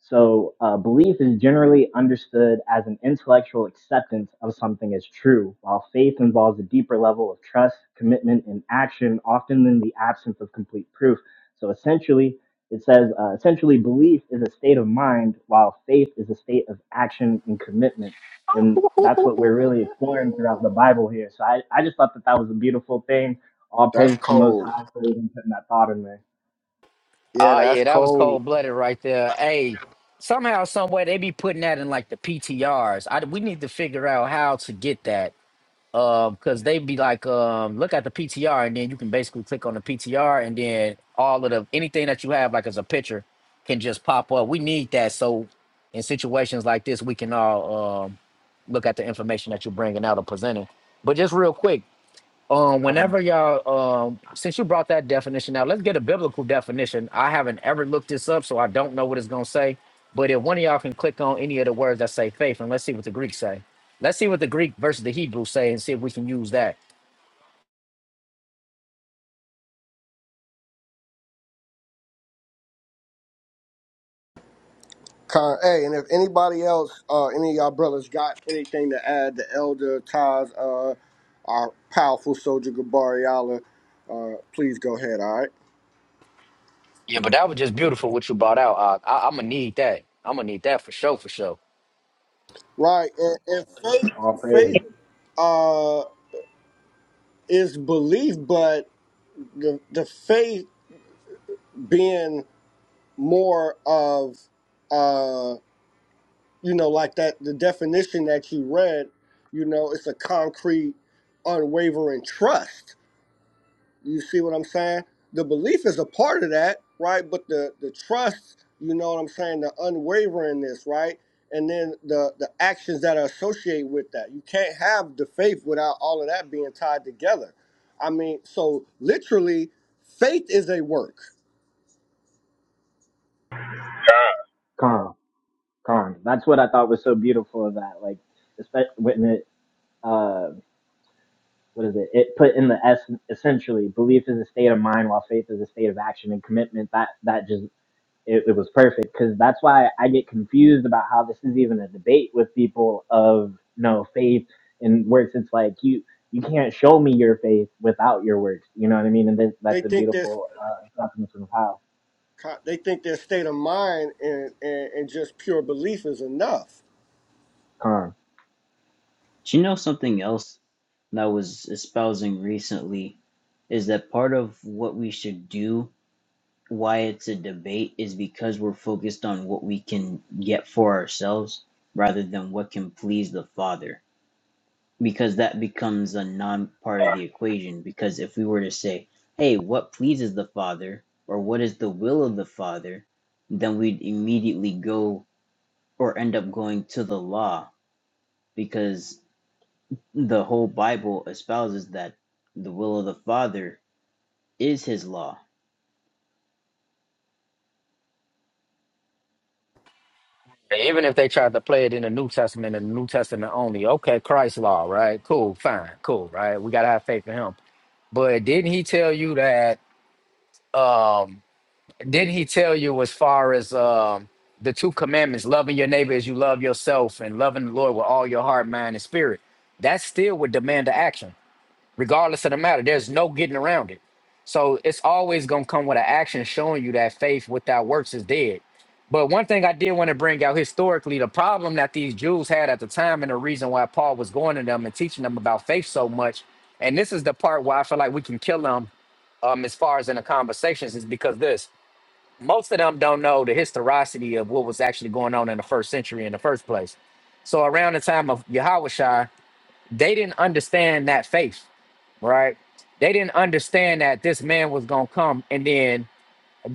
So, uh, belief is generally understood as an intellectual acceptance of something as true, while faith involves a deeper level of trust, commitment, and action, often in the absence of complete proof. So, essentially, it says uh, essentially belief is a state of mind, while faith is a state of action and commitment. And that's what we're really exploring throughout the Bible here. So, I, I just thought that that was a beautiful thing. All That's praise to the Most cold. High for even putting that thought in there. Yeah, Oh, that's yeah, that was cold. cold blooded right there. Hey, somehow, some way, they be putting that in like the PTRs. I, we need to figure out how to get that Uh, because they be like, um, look at the PTR, and then you can basically click on the PTR, and then all of the anything that you have, like as a picture, can just pop up. We need that so in situations like this, we can all um, look at the information that you're bringing out or presenting. But just real quick um Come, whenever y'all um since you brought that definition out let's get a biblical definition i haven't ever looked this up so i don't know what it's going to say but if one of y'all can click on any of the words that say faith and let's see what the greek say let's see what the greek versus the hebrew say and see if we can use that Con, hey, and if anybody else, uh, any of y'all brothers got anything to add, the elder Taz, uh, our powerful soldier Gabariala, uh, please go ahead. All right, yeah but that was just beautiful what you brought out uh, I, i'm gonna need that i'm gonna need that for sure for sure right. And, and faith, all faith, praise. uh, is belief, but the the faith being more of, uh, you know, like that the definition that you read, you know, it's a concrete, unwavering trust You see what I'm saying? The belief is a part of that, right? But the the trust, you know what I'm saying, the unwaveringness, right? And then the the actions that are associated with that. You can't have the faith without all of that being tied together. I mean, so literally, faith is a work. Come. Karn. That's what I thought was so beautiful of that. Like, especially when it, uh, what is it? It put in the S essentially belief is a state of mind, while faith is a state of action and commitment. That that just it, it was perfect because that's why I get confused about how this is even a debate with people of no faith and works. It's like you you can't show me your faith without your works. You know what I mean? And this, They that's a think this beautiful uh, something of how they think their state of mind and, and, and just pure belief is enough. Karn. Do you know something else that I was espousing recently is that part of what we should do, why it's a debate, is because we're focused on what we can get for ourselves rather than what can please the Father. Because that becomes a non part of the equation. Because if we were to say, hey, what pleases the Father or what is the will of the Father, then we'd immediately go or end up going to the law because the whole Bible espouses that the will of the Father is His law. And even if they tried to play it in the new testament and the new testament only okay christ law right cool fine cool right we gotta have faith in him but didn't he tell you that um didn't he tell you as far as um the two commandments loving your neighbor as you love yourself and loving the lord with all your heart mind and spirit that still would demand an action regardless of the matter there's no getting around it so it's always going to come with an action showing you that faith without works is dead but one thing i did want to bring out historically the problem that these jews had at the time and the reason why paul was going to them and teaching them about faith so much and this is the part where i feel like we can kill them um, as far as in the conversations is because this most of them don't know the historicity of what was actually going on in the first century in the first place. So around the time of Yahushua, they didn't understand that faith, right? They didn't understand that this man was gonna come and then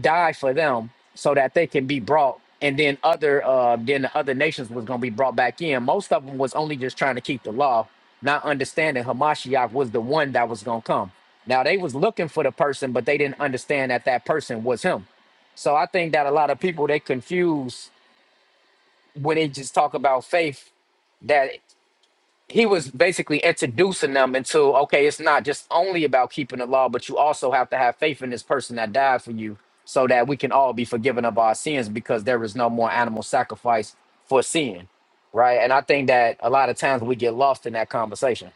die for them so that they can be brought and then other uh then the other nations was going to be brought back in most of them was only just trying to keep the law not understanding hamashiach was the one that was going to come now they was looking for the person but they didn't understand that that person was him so i think that a lot of people they confuse when they just talk about faith that he was basically introducing them into okay, it's not just only about keeping the law, but you also have to have faith in this person that died for you, so that we can all be forgiven of our sins because there is no more animal sacrifice for sin, right? And I think that a lot of times we get lost in that conversation.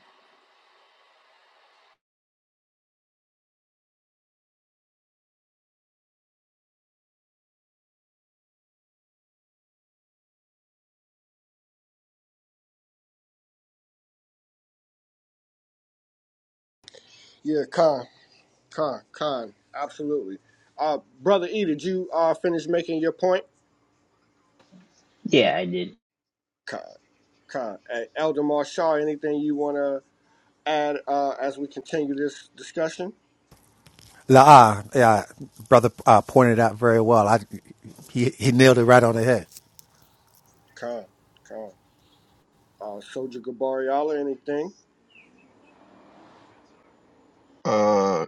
Yeah, con, con, con, absolutely. Uh, brother E, did you uh, finish making your point? Yeah, I did. Con, con. Hey, Elder Marshall, anything you want to add uh, as we continue this discussion? La, yeah, brother uh, pointed out very well. I, he, he nailed it right on the head. Con, con. Uh, Soldier Gabariala, anything? Uh,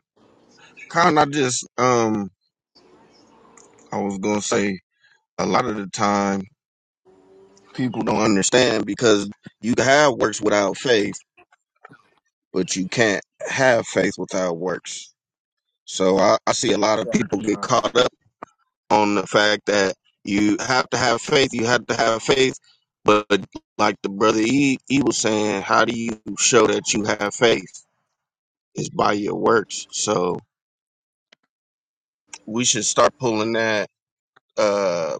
kind I just um, I was gonna say a lot of the time people don't understand because you can have works without faith, but you can't have faith without works. So I, I see a lot of people get Karn. caught up on the fact that you have to have faith. You have to have faith, but like the brother E, he was saying, how do you show that you have faith? It's by your works. So we should start pulling that. uh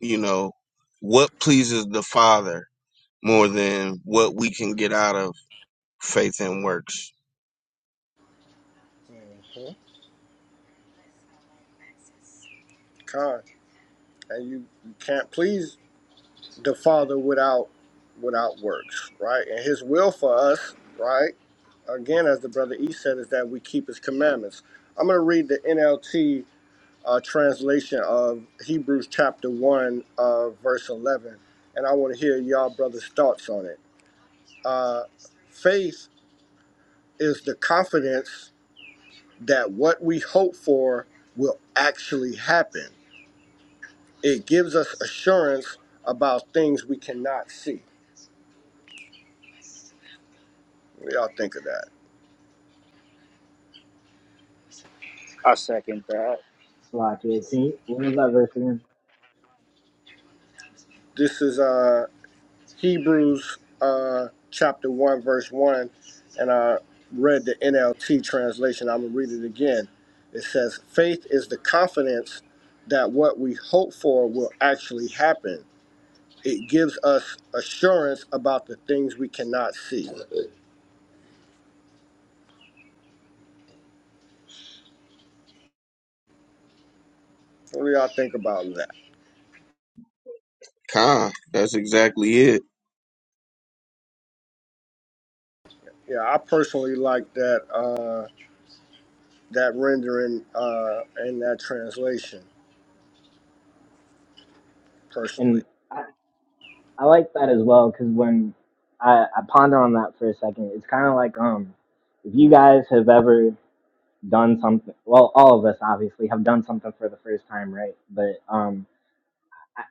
you know, what pleases the Father more than what we can get out of faith and works. hmm Con. And you, you can't please the Father without without works, right? And His will for us, right? Again, as the brother E said, is that we keep His commandments. I'm going to read the NLT uh, translation of Hebrews chapter one, uh, verse eleven, and I want to hear y'all brothers' thoughts on it. Uh, faith is the confidence that what we hope for will actually happen. It gives us assurance about things we cannot see. What do y'all think of that? I second that. Slovakia King. What was that verse again? This is uh, Hebrews uh, chapter 1, verse 1, and I read the NLT translation. I'm going to read it again. It says, Faith is the confidence that what we hope for will actually happen It gives us assurance about the things we cannot see. What do y'all think about that? Khan, that's exactly it. Yeah, I personally like that uh, that rendering uh, and that translation personally. And I, I like that as well because when I, I ponder on that for a second, it's kind of like um, if you guys have ever done something, well, all of us obviously have done something for the first time, right? But um, I,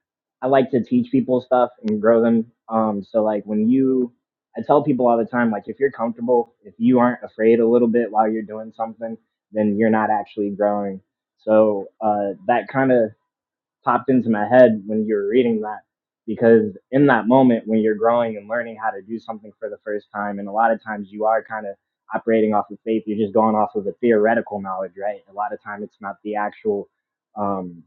I like to teach people stuff and grow them. Um, so like when you, I tell people all the time, like if you're comfortable, if you aren't afraid a little bit while you're doing something, then you're not actually growing. So uh, that kind of popped into my head when you were reading that because in that moment when you're growing and learning how to do something for the first time and a lot of times you are kind of operating off of faith you're just going off of the theoretical knowledge right a lot of time it's not the actual um,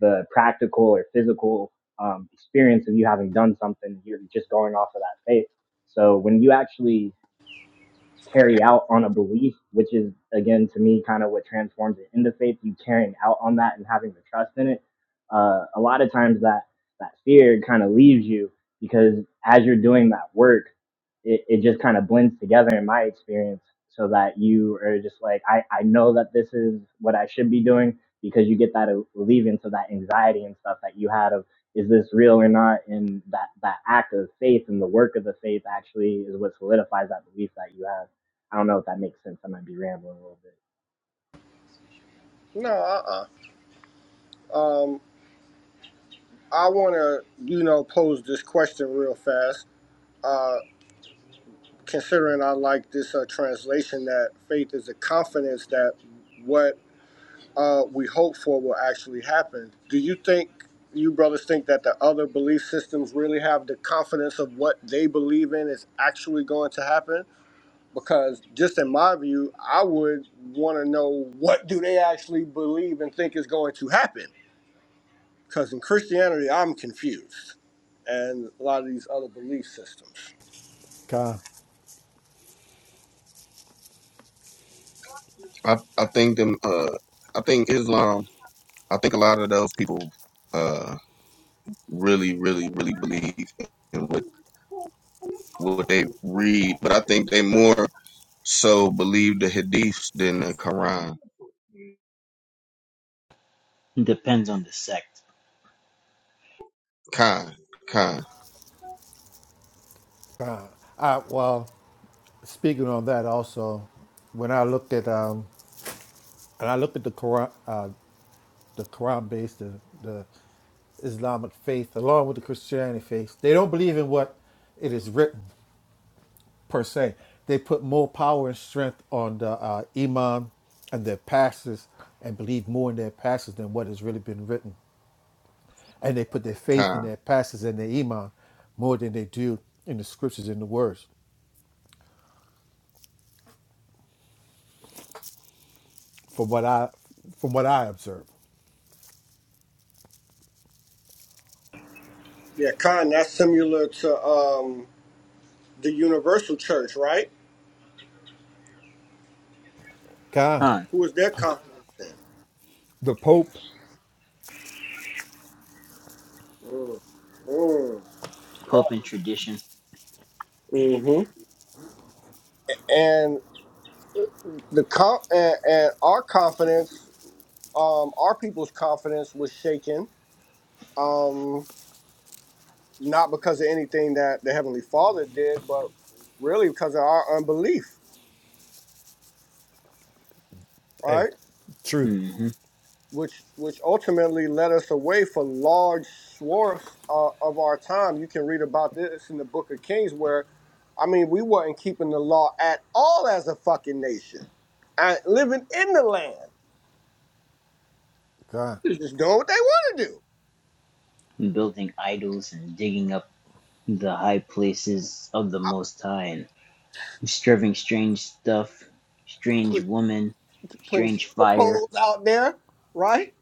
the practical or physical um, experience of you having done something you're just going off of that faith so when you actually carry out on a belief, which is again to me kind of what transforms it into faith. You carrying out on that and having the trust in it. Uh, a lot of times that that fear kind of leaves you because as you're doing that work, it, it just kind of blends together in my experience. So that you are just like, I, I know that this is what I should be doing because you get that alleviance to that anxiety and stuff that you had of is this real or not? And that, that act of faith and the work of the faith actually is what solidifies that belief that you have. I don't know if that makes sense. I might be rambling a little bit. No, uh, uh Um, I want to you know pose this question real fast. Uh, considering I like this uh, translation that faith is a confidence that what uh, we hope for will actually happen. Do you think you brothers think that the other belief systems really have the confidence of what they believe in is actually going to happen? Because just in my view, I would want to know what do they actually believe and think is going to happen. Because in Christianity, I'm confused, and a lot of these other belief systems. Okay. I, I think them uh I think Islam I think a lot of those people uh really, really, really believe in what what they read, but I think they more so believe the hadiths than the Quran. Depends on the sect. Khan, Khan, I, well, speaking on that also, when I looked at um, and I looked at the Quran, uh, the Quran based the, the Islamic faith along with the Christianity faith, they don't believe in what it is written per se. They put more power and strength on the uh, imam and their pastors and believe more in their pastors than what has really been written. and they put their faith in Khan, their pastors and their imam more than they do in the scriptures and the words, from what I from what I observe. Yeah, Khan, that's similar to um, the Universal Church, right? God, Huh. Who is their confidence The Pope, in? Mm. Pope and tradition. Mm. and the com- and, and our confidence, um, our people's confidence was shaken, um, not because of anything that the Heavenly Father did, but really because of our unbelief, hey, right? truth. hmm Which which ultimately led us away for large swaths uh, of our time. You can read about this in the Book of Kings, where I mean, we weren't keeping the law at all as a fucking nation, and living in the land, God, They was just doing what they want to Building idols and digging up the high places of the Most High and serving strange stuff, do. strange woman, putting strange stripper fire. poles out there, right?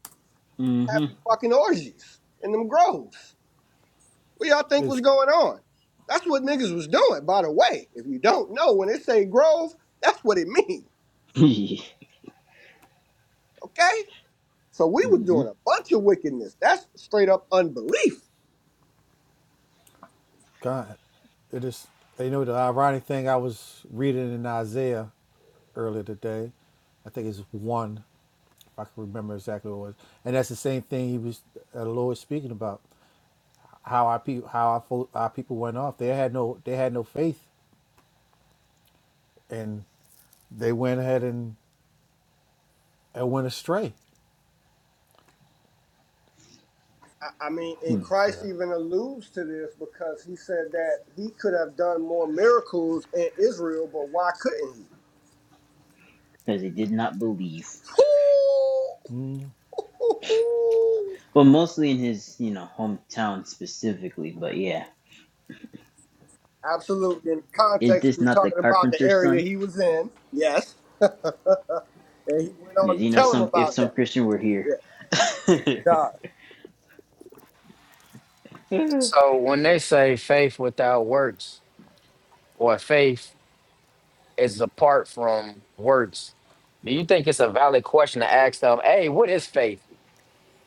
mm Having fucking orgies in them groves. What y'all think was is going on? That's what niggas was doing, by the way. If you don't know, when they say grove, that's what it means, hmm okay? So we was doing mm a bunch of wickedness. That's straight up unbelief. God. It is you know the ironic thing I was reading in Isaiah earlier today. I think it's one, if I can remember exactly what it was, and that's the same thing he was uh, the Lord was speaking about how our people how our, fo- our people went off. They had no they had no faith and they went ahead and, and went astray. I, I mean, Where and hmm was Christ that? even alludes to this because he said that he could have done more miracles in Israel, but why couldn't he? Because he did not believe. But mostly in his, you know, hometown specifically. But yeah. Absolutely. In Is context, he this was not the talking about the carpenter's area son? he was in. Yes. and he went on Because to you know, tell him some if about some that. Christian were here, Yeah. God. So when they say faith without works or faith is apart from works, do you think it's a valid question to ask them, hey, what is faith?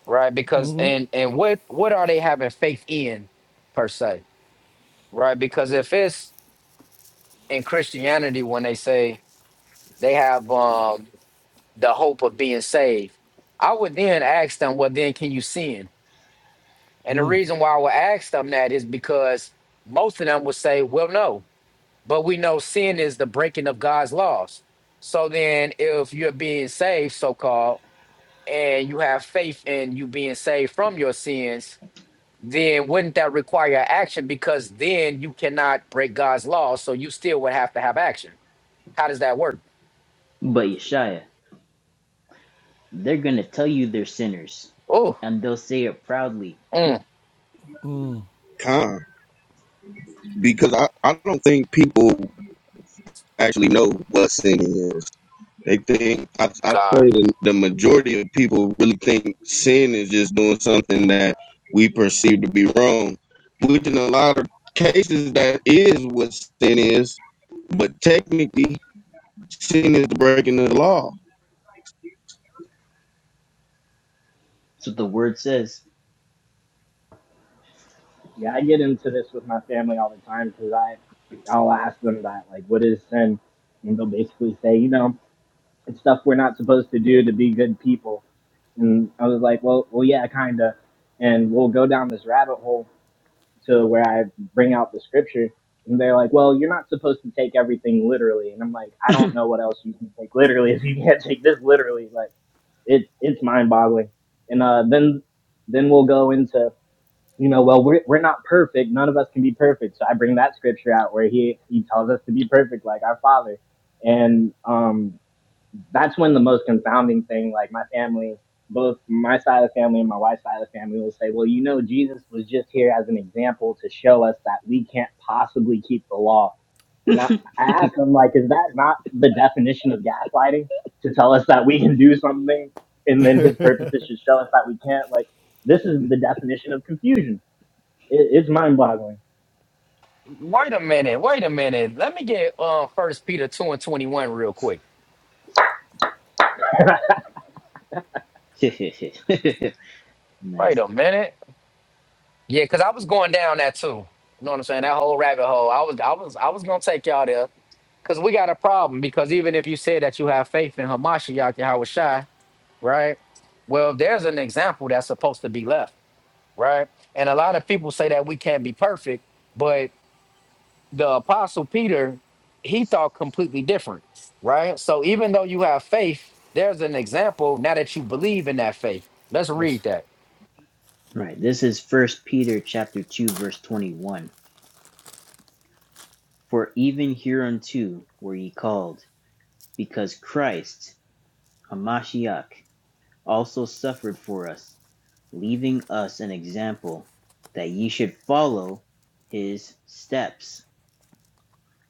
right? Because and and what what are they having faith in per se, right? Because if it's in Christianity when they say they have um the hope of being saved, I would then ask them, well, then can you sin? And the reason why I would ask them that is because most of them would say, well, no, but we know sin is the breaking of God's laws. So then, if you're being saved, so called, and you have faith in you being saved from your sins, then wouldn't that require action? Because then you cannot break God's law, so you still would have to have action. How does that work? but Yeshaya, they're gonna tell you they're sinners, Oh, and they'll say it proudly. mm, Khan. Because I, I don't think people actually know what sin is. They think I, I God. say the, the majority of people really think sin is just doing something that we perceive to be wrong, which in a lot of cases that is what sin is. But technically, sin is breaking the law. That's what the word says. Yeah, I get into this with my family all the time because I, I'll ask them that, like, what is sin? And they'll basically say, you know, it's stuff we're not supposed to do to be good people. And I was like, well, well, yeah, kinda. And we'll go down this rabbit hole to where I bring out the scripture. And they're like, well, you're not supposed to take everything literally. And I'm like, I don't know what else you can take literally if you can't take this literally. Like, it, it's mind boggling. And uh, then then we'll go into you know, well, we're, we're not perfect. None of us can be perfect. So I bring that scripture out where he, he tells us to be perfect like our father. And um, that's when the most confounding thing, like my family, both my side of the family and my wife's side of the family will say, well, you know, Jesus was just here as an example to show us that we can't possibly keep the law. And I, nice. I ask them, like, is that not the definition of gaslighting? To tell us that we can do something and then his purposes should show us that we can't? Like, this is the definition of confusion it, it's mind boggling. Wait a minute. Wait a minute. Let me get uh First Peter two and twenty one real quick. Wait a minute. Yeah, because I was going down that too. You know what I'm saying? That whole rabbit hole. I was, I was, I was gonna take y'all there because we got a problem. Because even if you say that you have faith in Hamashiach Yahweh Shai, right? Well, there's an example that's supposed to be left. right? And a lot of people say that we can't be perfect, but the apostle Peter, he thought completely different, right? So even though you have faith, there's an example now that you believe in that faith. Let's That's read that. Right. This is First Peter chapter two, verse twenty-one. For even hereunto were ye called, because Christ, a Mashiach also suffered for us, leaving us an example that ye should follow his steps,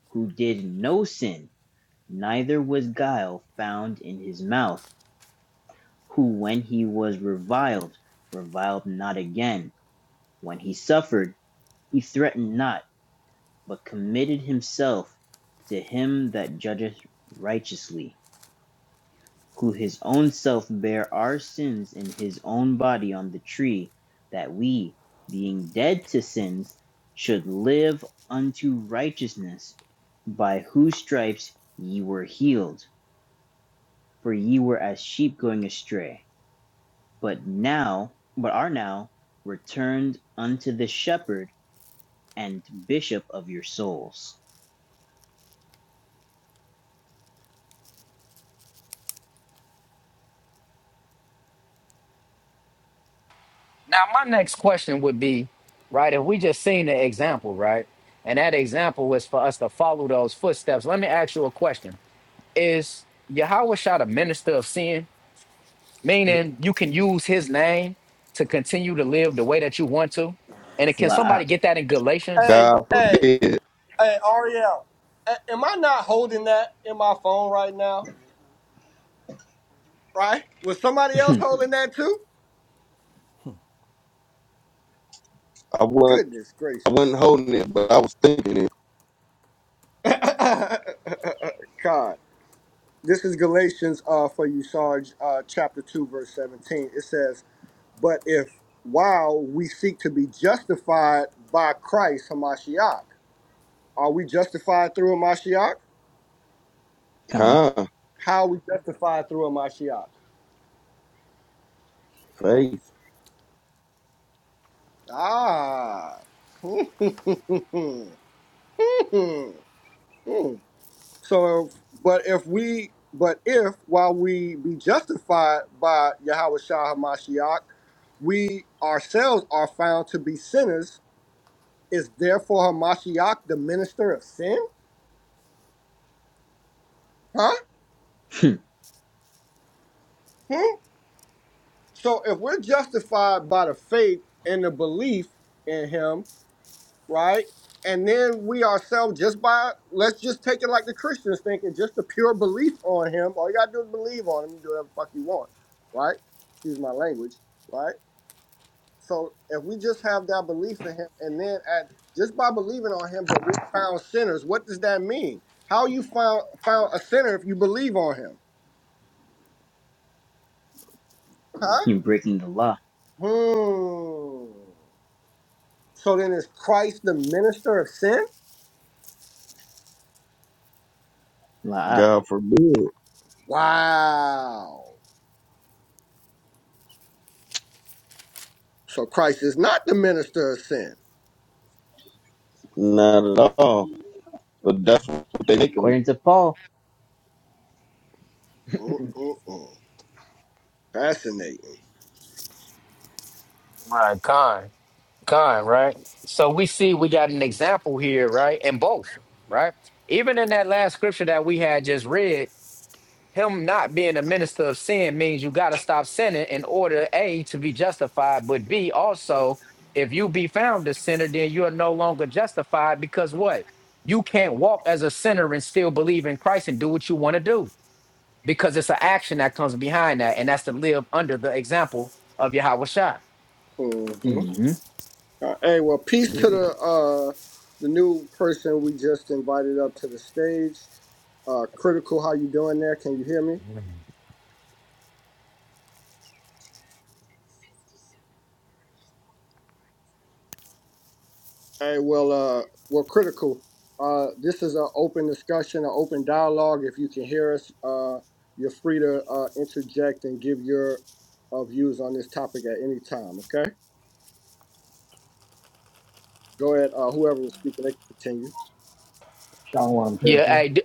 who did no sin, neither was guile found in his mouth, who when he was reviled, reviled not again. When he suffered, he threatened not, but committed himself to him that judgeth righteously who his own self bare our sins in his own body on the tree, that we, being dead to sins, should live unto righteousness, by whose stripes ye were healed. For ye were as sheep going astray, but now, but are now returned unto the shepherd and bishop of your souls. Now, my next question would be, right, if we just seen the example, right? And that example was for us to follow those footsteps. Let me ask you a question. Is Yahweh Shah a minister of sin? meaning you can use his name to continue to live the way that you want to. And can La'a, somebody get that in Galatians? Hey, God hey, forbid. hey, Ariel. a- am I not holding that in my phone right now? Right? Was somebody else holding that too? I wasn't Goodness I gracious. wasn't holding it, but I was thinking it. God. This is Galatians uh, for you, Sarge, uh, chapter 2, verse 17. It says, But if while we seek to be justified by Christ, Hamashiach, are we justified through Hamashiach? Khan, Con How are we justified through Hamashiach? faith. Ah. so, if, but if we, but if while we be justified by Yahweh Shah Hamashiach, we ourselves are found to be sinners, is therefore Hamashiach the minister of sin? Huh? Hmm? So if we're justified by the faith and the belief in him, right? And then we ourselves just by let's just take it like the Christians think and just a pure belief on him. All you gotta do is believe on him, you do whatever the fuck you want, right? Excuse my language, right? So if we just have that belief in him and then at just by believing on him, but we're found sinners, what does that mean? How you found found a sinner if you believe on him? Huh? you're breaking the law. Hmm. So then is Christ the minister of sin? La'a, God forbid. Wow. So Christ is not the minister of sin. Not at all. But that's what they make according to Paul. Mm-mm-mm. Fascinating. Right, kind, kind, right? So we see we got an example here, right? In both, right? Even in that last scripture that we had just read, him not being a minister of sin means you got to stop sinning in order a to be justified but b also if you be found a sinner then you are no longer justified because what you can't walk as a sinner and still believe in christ and do what you want to do because it's an action that comes behind that and that's to live under the example of yahweh shah Mm-hmm. hmm Uh, hey, well, peace to the uh the new person we just invited up to the stage. Uh critical, how you doing there? Can you hear me? Hey, well, uh, well, critical. Uh, this is an open discussion, an open dialogue. If you can hear us, uh, you're free to uh, interject and give your uh, views on this topic at any time. Okay, go ahead. Uh, whoever was speaking, they can continue. Sean one yeah critical. hey, d-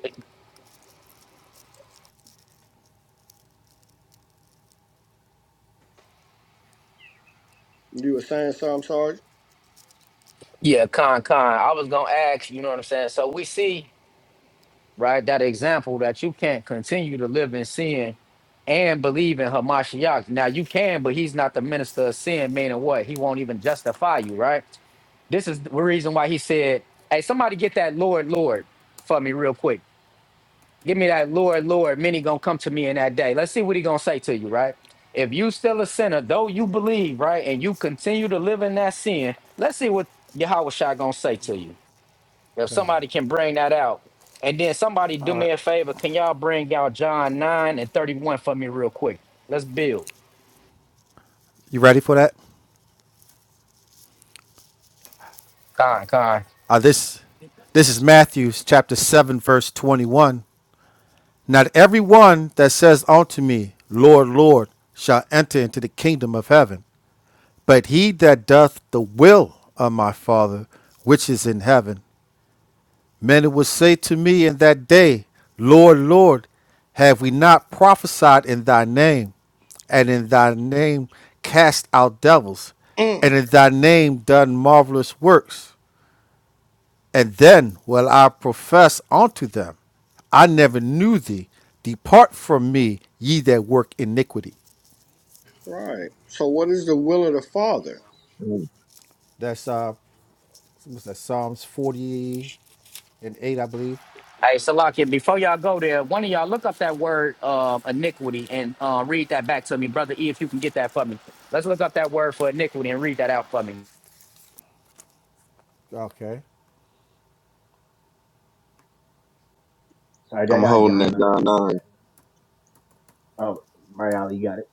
You were saying something, I'm sorry. yeah con con i was gonna ask you know what i'm saying so we see right? That example that you can't continue to live in sin and believe in Hamashiach. Now you can, but he's not the minister of sin, meaning what? He won't even justify you, right? This is the reason why he said, Hey, somebody get that Lord, Lord for me real quick. Give me that Lord, Lord. Many gonna come to me in that day. Let's see what he gonna say to you, right? If you still a sinner, though you believe, right, and you continue to live in that sin, let's see what Yahweh Shai gonna say to you. If God. somebody can bring that out. And then somebody do all right. me a favor. Can y'all bring out John 9 and 31 for me real quick? Let's build. You ready for that? Con, con. Uh, this this is Matthew chapter 7 verse 21. Not every one that says unto me, Lord, Lord, shall enter into the kingdom of heaven, but he that doth the will of my Father which is in heaven. Many will say to me in that day, Lord, Lord, have we not prophesied in thy name, and in thy name cast out devils, Mm, and in thy name done marvelous works? And then will I profess unto them, I never knew thee. Depart from me, ye that work iniquity. right. So, what is the will of the Father? 'em. That's uh, what's that? Psalms forty and eight, I believe. Hey, Salakia, before y'all go there, one of y'all look up that word uh, iniquity and uh, read that back to me. Brother E, if you can get that for me. Let's look up that word for iniquity and read that out for me. Okay, Sorry, I I'm got holding John that down. nine. now. Oh, Marielle, you got it.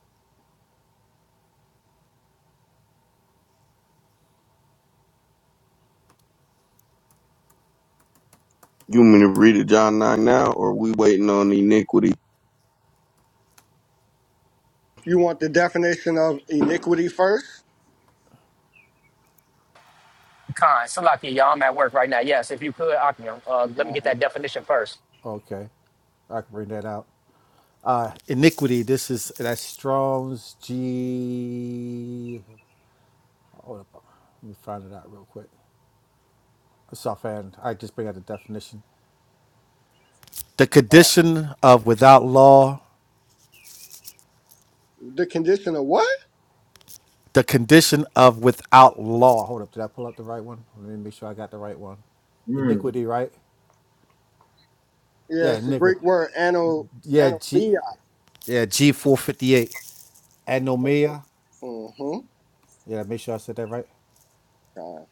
You want me to read it, John 9 now, or we waiting on iniquity? You want the definition of iniquity first? Con, Salakia, y'all, I'm at work right now. Yes, if you could, Akim, uh, let me get Uh-huh. that definition first. okay, I can bring that out. uh, iniquity. This is that Strong's G. Hold up, let me find it out real quick. It's offhand. I just bring out the definition. The Uh, condition of without law. the condition of what? The condition of without law. Hold up, did I pull up the right one? Let me make sure I got the right one. Mm. Iniquity, right? Yeah, Yes, the iniquity. Greek word ano Yeah, G. anomia. Yeah, G four fifty eight. Anomia. Mm-hmm. Yeah, make sure I said that right. Uh,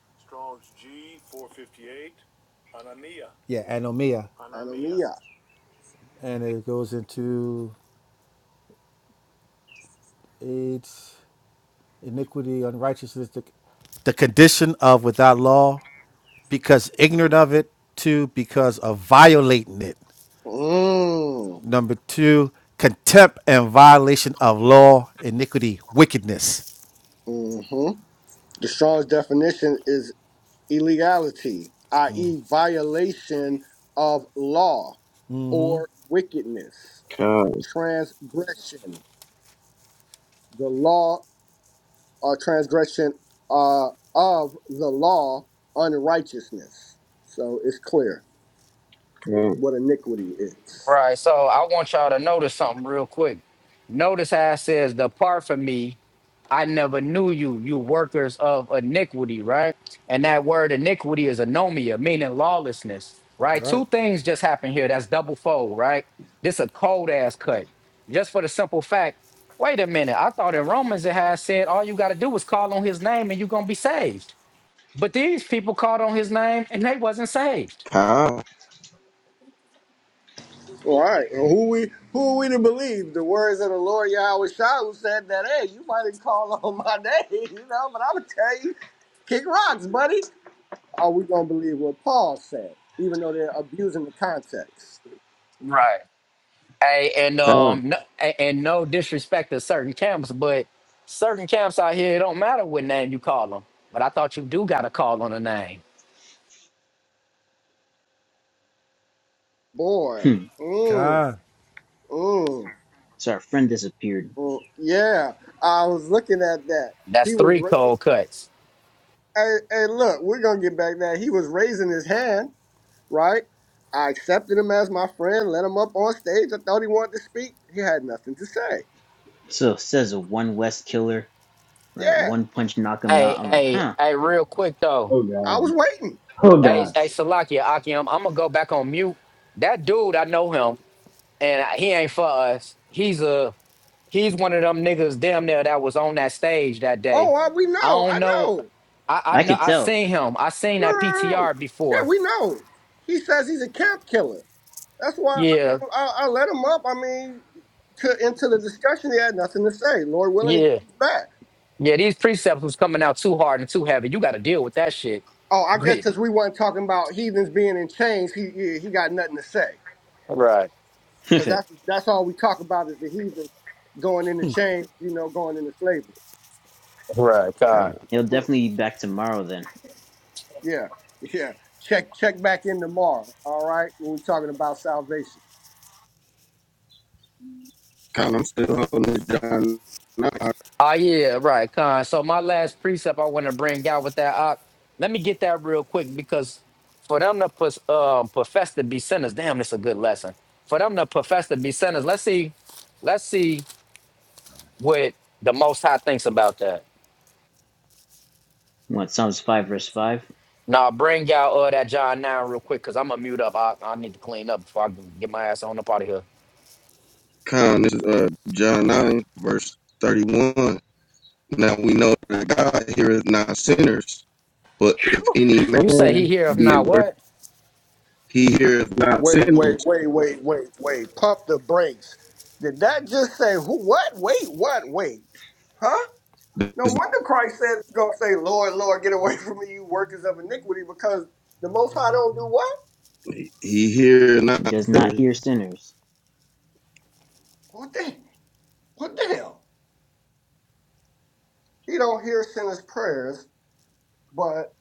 Yeah, anomia, anomia. and it goes into eight. iniquity, unrighteousness, the, the condition of without law, because ignorant of it. Two, because of violating it. Mm. Number two, contempt and violation of law, iniquity, wickedness. hmm The Strong's definition is illegality, i.e., violation of law or wickedness, Con, transgression, the law or transgression uh, of the law, unrighteousness. So it's clear con, what iniquity is. Right. So I want y'all to notice something real quick. Notice how it says, Depart from me. I never knew you, you workers of iniquity, right? And that word iniquity is anomia, meaning lawlessness, right? Right. Two things just happened here. That's double fold, right? This a cold ass cut. Just for the simple fact, wait a minute. I thought in Romans it had said all you gotta do was call on his name and you're gonna be saved. But these people called on his name and they wasn't saved. con, All right. Well, who we who are we to believe? The words of the Lord Yahweh Shah said that, hey, you might have called on my name, you know, but I'm gonna tell you, kick rocks, buddy. Are we gonna believe what Paul said, even though they're abusing the context? Right. Hey, and con, um, no, a- and no disrespect to certain camps, but certain camps out here, it don't matter what name you call them. But I thought you do got to call on a name. Boy. Mm, God, mm, So our friend disappeared. mm. Yeah. I was looking at that. That's He was three raising cold cuts. hey, hey, look, we're gonna get back that. He was raising his hand, right? I accepted him as my friend, let him up on stage. I thought he wanted to speak. He had nothing to say So it says a one West killer, right? Yeah, One punch knock him out. Hey, I'm like, hey, huh? hey, real quick though. Oh I god. was waiting. Oh Hey, god. hey, Salakia, Akim, I'm gonna go back on mute. That dude, I know him, and he ain't for us. He's a he's one of them niggas damn near that was on that stage that day. Oh, uh, we I know. don't I know. know. I, I I know could I tell. seen him. I seen No, that no, no, no. PTR Yeah, before. we know. He says he's a camp killer. That's why I, Yeah, mean, I, I let him up. I mean, to into the discussion, he had nothing to say. Lord willing, he yeah. comes back. Yeah, these precepts was coming out too hard and too heavy. You got to deal with that shit. Oh, I guess because But we weren't talking about heathens being in chains, he he, he got nothing to say. Right, He'll Because that's that's all we talk about is the heathen going into chains, you know, going into slavery. right, con, God. Hmm. definitely be back tomorrow then. Yeah, yeah. Check check back in tomorrow. All right, when we're talking about salvation. con. I'm still holding this John 9. Oh yeah, right, Con. So my last precept I want to bring out with that, uh, let me get that real quick because for them to pos- um, profess to be sinners, damn, this a good lesson. For them to profess to be sinners, let's see, let's see what the Most High thinks about that. What Psalms five verse five? Now bring out uh, that John nine real quick because I'm gonna mute up. I, I need to clean up before I can get my ass on up out of here. Con, this is uh, John 9, verse 31. Now we know that God heareth not sinners, but if any You say man he heareth be a not worth, what? he heareth not Wait, wait, sinners. wait, wait, wait, wait. Pump the brakes. Did that just say who? What? Wait, what? Wait, huh? No This- wonder Christ said it's gonna say, "Lord, Lord, get away from me, you workers of iniquity," because the Most High don't do what? He heareth He not does not sinners. hear sinners. What the? What the hell? He don't hear sinners' prayers, but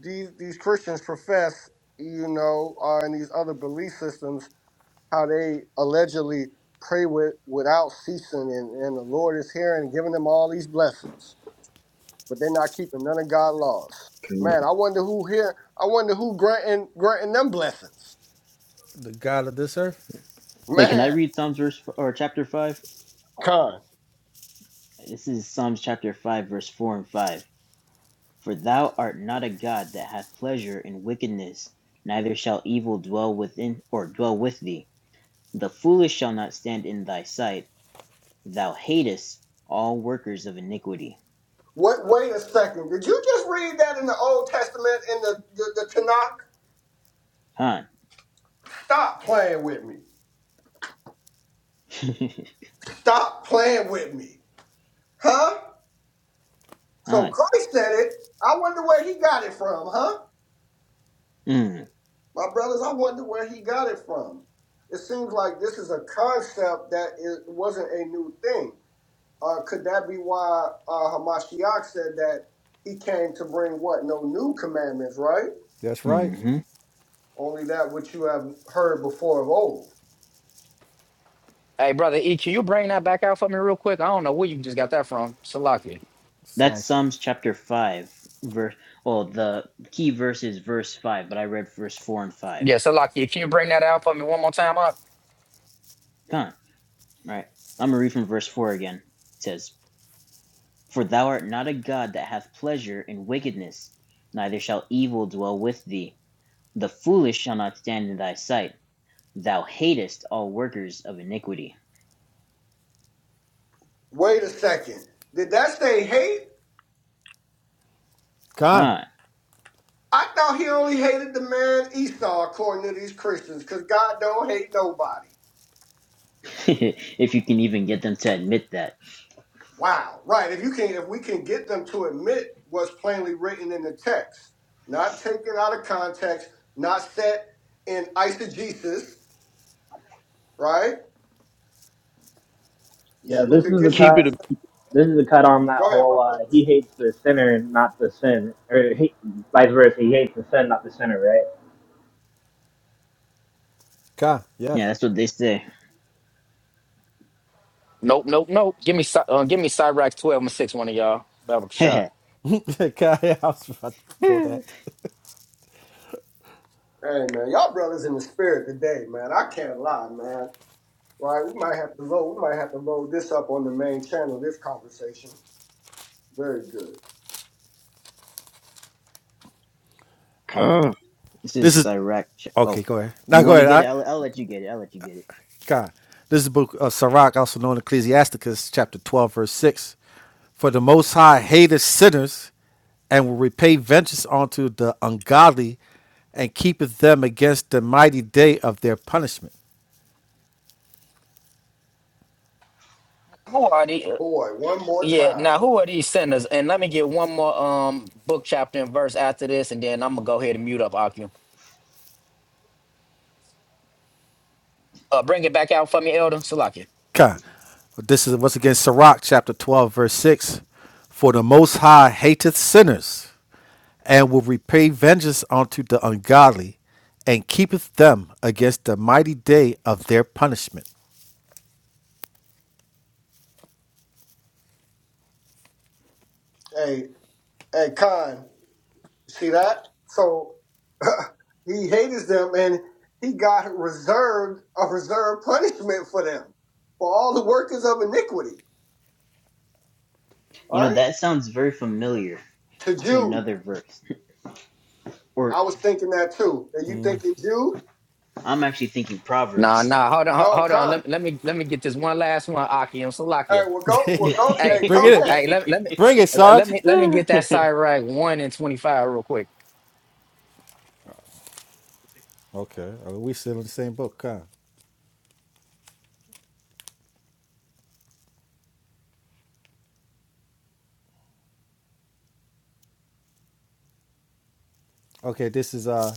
these these Christians profess, you know, are in these other belief systems how they allegedly pray with without ceasing, and, and the Lord is hearing and giving them all these blessings. but they're not keeping none of God's laws. Con. Man, I wonder who here. I wonder who granting granting them blessings. the God of this earth. Wait, can I Man, read Psalms verse or chapter five? Con. This is Psalms chapter five verse four and five. For thou art not a God that hath pleasure in wickedness, neither shall evil dwell within or dwell with thee. The foolish shall not stand in thy sight 'Thou hatest all workers of iniquity.' Wait, wait a second. Did you just read that in the Old Testament in the, the the Tanakh? Huh? Stop playing with me. Stop playing with me, huh? So Huh? Christ said it. I wonder where he got it from, huh? Mm My brothers, I wonder where he got it from. It seems like this is a concept that it wasn't a new thing. Uh, could that be why uh, Hamashiach said that he came to bring what? No new commandments, right? That's right. mhm. Only that which you have heard before of old. Hey, brother E, can you bring that back out for me real quick? I don't know where you just got that from. Salaki. That's Sounds Psalms chapter 5, verse. Well, the key verse is verse 5, but I read verse 4 and 5. Yeah, Salaki, can you bring that out for me one more time up? Huh? Right. I'm going to read from verse 4 again. It says, For thou art not a God that hath pleasure in wickedness, neither shall evil dwell with thee. The foolish shall not stand in thy sight. Thou hatest all workers of iniquity. Wait a second. Did that say hate? Con. Huh? I thought he only hated the man Esau, according to these Christians, because God don't hate nobody. if you can even get them to admit that. Wow. Right. If you can, if we can get them to admit what's plainly written in the text, not taken out of context, not set in eisegesis, right? If Yeah, we this is could the get them. Keep it a cut. This is the cut on that Go ahead, my whole. brother. Uh, he hates the sinner, not the sin, or he, vice versa. He hates the sin, not the sinner, right? God. Yeah, Yes. that's what they say. Nope, nope, nope. Give me Cy- uh, give me Cyrax 12 and 6, one of y'all. Baba Kasha. this Con, yeah, I was about to pull that. Hey man, y'all brothers in the spirit today, man. I can't lie, man. Right? We might have to load. We might have to load this up on the main channel. This conversation, very good. Okay. con, is This is Cyrac. okay. Oh, Go ahead. Now you go want to ahead. All get it? right. I'll, I'll let you get it. I'll let you get it. God. This is the book of Sirach, also known as Ecclesiasticus, chapter 12, verse 6. For the Most High hateth sinners and will repay vengeance unto the ungodly and keepeth them against the mighty day of their punishment. Who are these? Boy, one more Yeah, time. now who are these sinners? And let me get one more um book chapter and verse after this, and then I'm gonna go ahead and mute up Akim. Uh, bring it back out for me, Elder Salaki. God. This is once again Sirach, chapter 12, verse 6. For the Most High hateth sinners and will repay vengeance unto the ungodly and keepeth them against the mighty day of their punishment. Hey, hey, Khan, see that? So he hates them, and he got reserved a reserved punishment for them for all the workers of iniquity. All You know, right. that sounds very familiar To to Jude, another verse. Or I was thinking that too. Are you thinking Jude? I'm actually thinking Nah, Proverbs. nah, hold on, Oh, hold on. Khan. Let, let me let me get this one last one, Akim Hey, Salaki. well, go, well, go, hey, Hey, Bring go it. ahead. hey, let, let me Bring it, Sarge. let me let me get that side rack one and twenty five real quick. Okay. Are we still in the same book? Huh? Okay, this is uh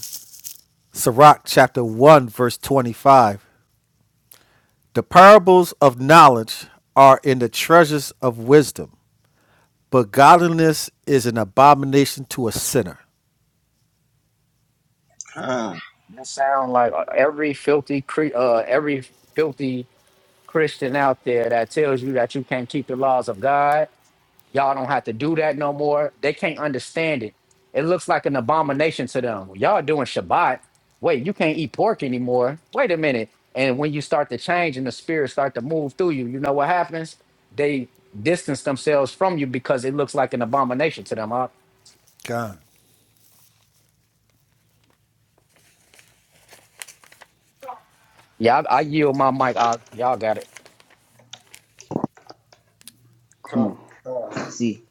Sirach chapter 1, verse 25. The parables of knowledge are in the treasures of wisdom, but godliness is an abomination to a sinner. con. That sound like uh, every filthy cre- uh every filthy Christian out there that tells you that you can't keep the laws of God. Y'all don't have to do that no more. They can't understand it. It looks like an abomination to them. Y'all doing Shabbat. Wait, you can't eat pork anymore. Wait a minute. And when you start to change and the spirit start to move through you, you know what happens? They distance themselves from you because it looks like an abomination to them. huh? God. Yeah, I, I yield my mic. I, y'all got it. Con, cool. con. Let's see.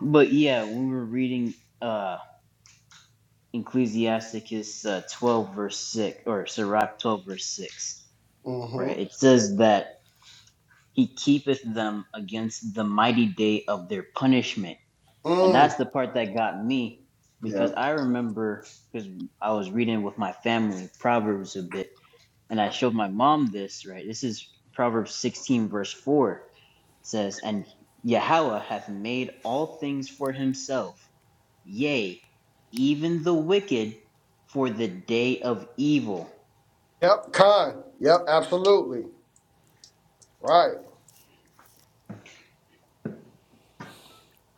But yeah, we were reading uh Ecclesiasticus uh, 12 verse 6 or Sirach 12 verse 6. Right. Mm-hmm. It says that he keepeth them against the mighty day of their punishment And that's Mm. the part that got me because Yep. I remember because I was reading with my family Proverbs a bit, and I showed my mom this, right? This is Proverbs 16, verse 4 It says, And Yahweh hath made all things for himself, yea, even the wicked for the day of evil. Yep. Con. Yep. Absolutely. Right.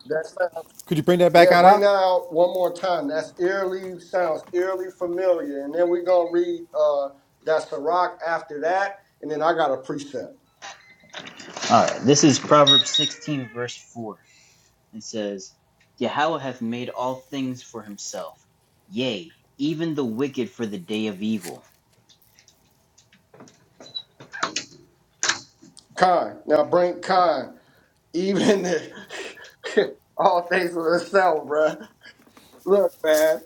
That sounds. Could you bring that back Yeah. out? Bring out? that out one more time. That's eerily sounds eerily familiar. And then we're gonna read uh that's the rock after that. And then I got a precept. All right, this is Proverbs 16, verse 4. and says, Yahweh hath made all things for himself, yea, even the wicked for the day of evil. Con. Now bring con. Even if all things will itself, bruh. Look, man.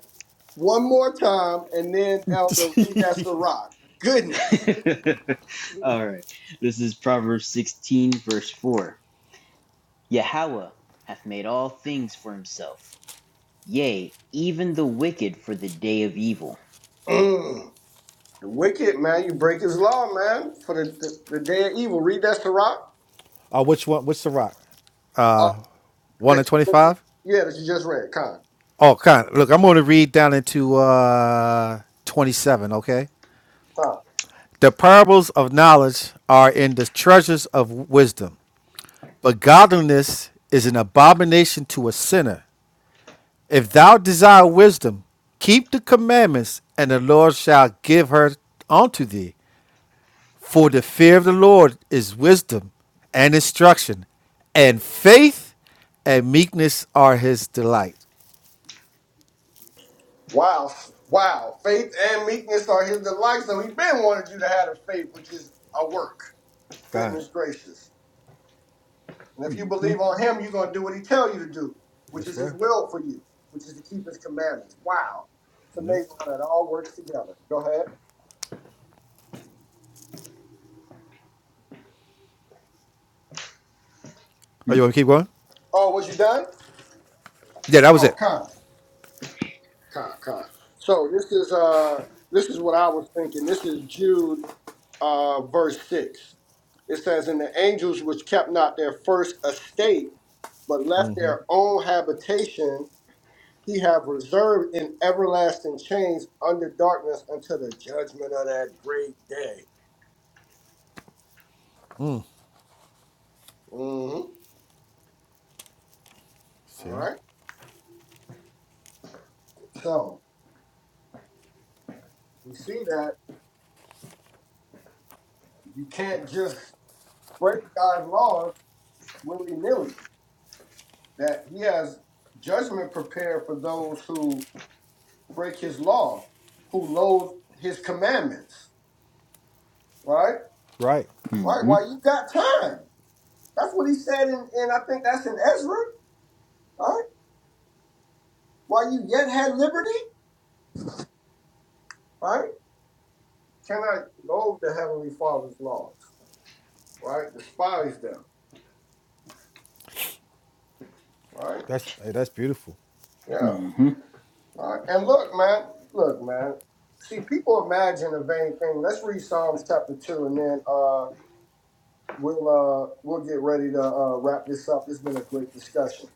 one more time, and then Elder read that Sirach. Goodness. all right. This is Proverbs 16, verse 4. Yahweh hath made all things for himself, yea, even the wicked for the day of evil. Mm. The wicked, man, you break his law, man, for the, the, the day of evil. Read that Sirach Uh, which one? Which Sirach? uh, 1 that and you just, 25? yeah, that you just read, Con. Oh, God. Look, I'm going to read down into uh 27, okay? Con. The parables of knowledge are in the treasures of wisdom, but godliness is an abomination to a sinner. If thou desire wisdom, keep the commandments, and the Lord shall give her unto thee. For the fear of the Lord is wisdom and instruction, and faith and meekness are his delight. Wow, wow. Faith and meekness are his delight, so he been wanted you to have a faith, which is a work. God. Goodness gracious. And if you Mm-hmm. believe on him, you're going to do what he tell you to do, which That's is his right. will for you, which is to keep his commandments. Wow. It's Yeah. amazing how that all works together. Go ahead. Oh, you want to keep going? Oh, was you done? Yeah, that was Oh, it. con, con, con. So this is uh this is what I was thinking. This is Jude uh verse six. It says, And the angels which kept not their first estate, but left their own habitation, he have reserved in everlasting chains under darkness until the judgment of that great day. Mhm. All See? right. So we see that you can't just break God's laws willy nilly that he has judgment prepared for those who break his law, who loathe his commandments. Right? Right. Right? Mm-hmm. While you got time. That's what he said in, and I think that's in Ezra, right? While you yet had liberty, right? Cannot loathe the heavenly father's laws, right? Despise them, right? That's hey, that's beautiful. Yeah. Mm-hmm. Right. And look, man, look, man. See, people imagine a vain thing. Let's read Psalms chapter two and then uh we'll uh we'll get ready to uh, wrap this up. It's been a great discussion,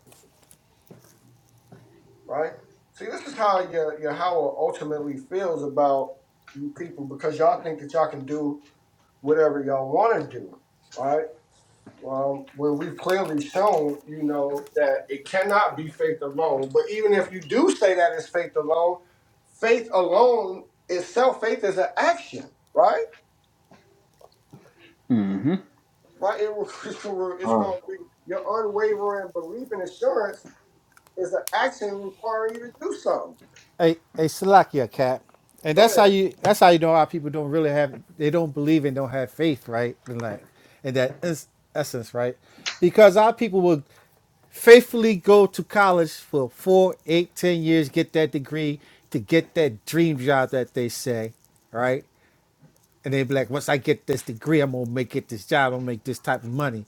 right? See, this is how you, you know, how it ultimately feels about you people because y'all think that y'all can do whatever y'all want to do, right? Well, when we've clearly shown, you know, that it cannot be faith alone. But even if you do say that it's faith alone, faith alone itself, faith is an action, right? Mm-hmm. Right? It, will- it's Um, going to be your unwavering belief and assurance It's an action requiring you to do something. a a Salakia cap. And Go that's how ahead. you that's how you know how people don't really have they don't believe and don't have faith, right? In that in that is- essence, right? Because our people will faithfully go to college for four, eight, ten years, get that degree to get that dream job that they say, right? And they be like, once I get this degree, I'm gonna make it this job, I'm gonna make this type of money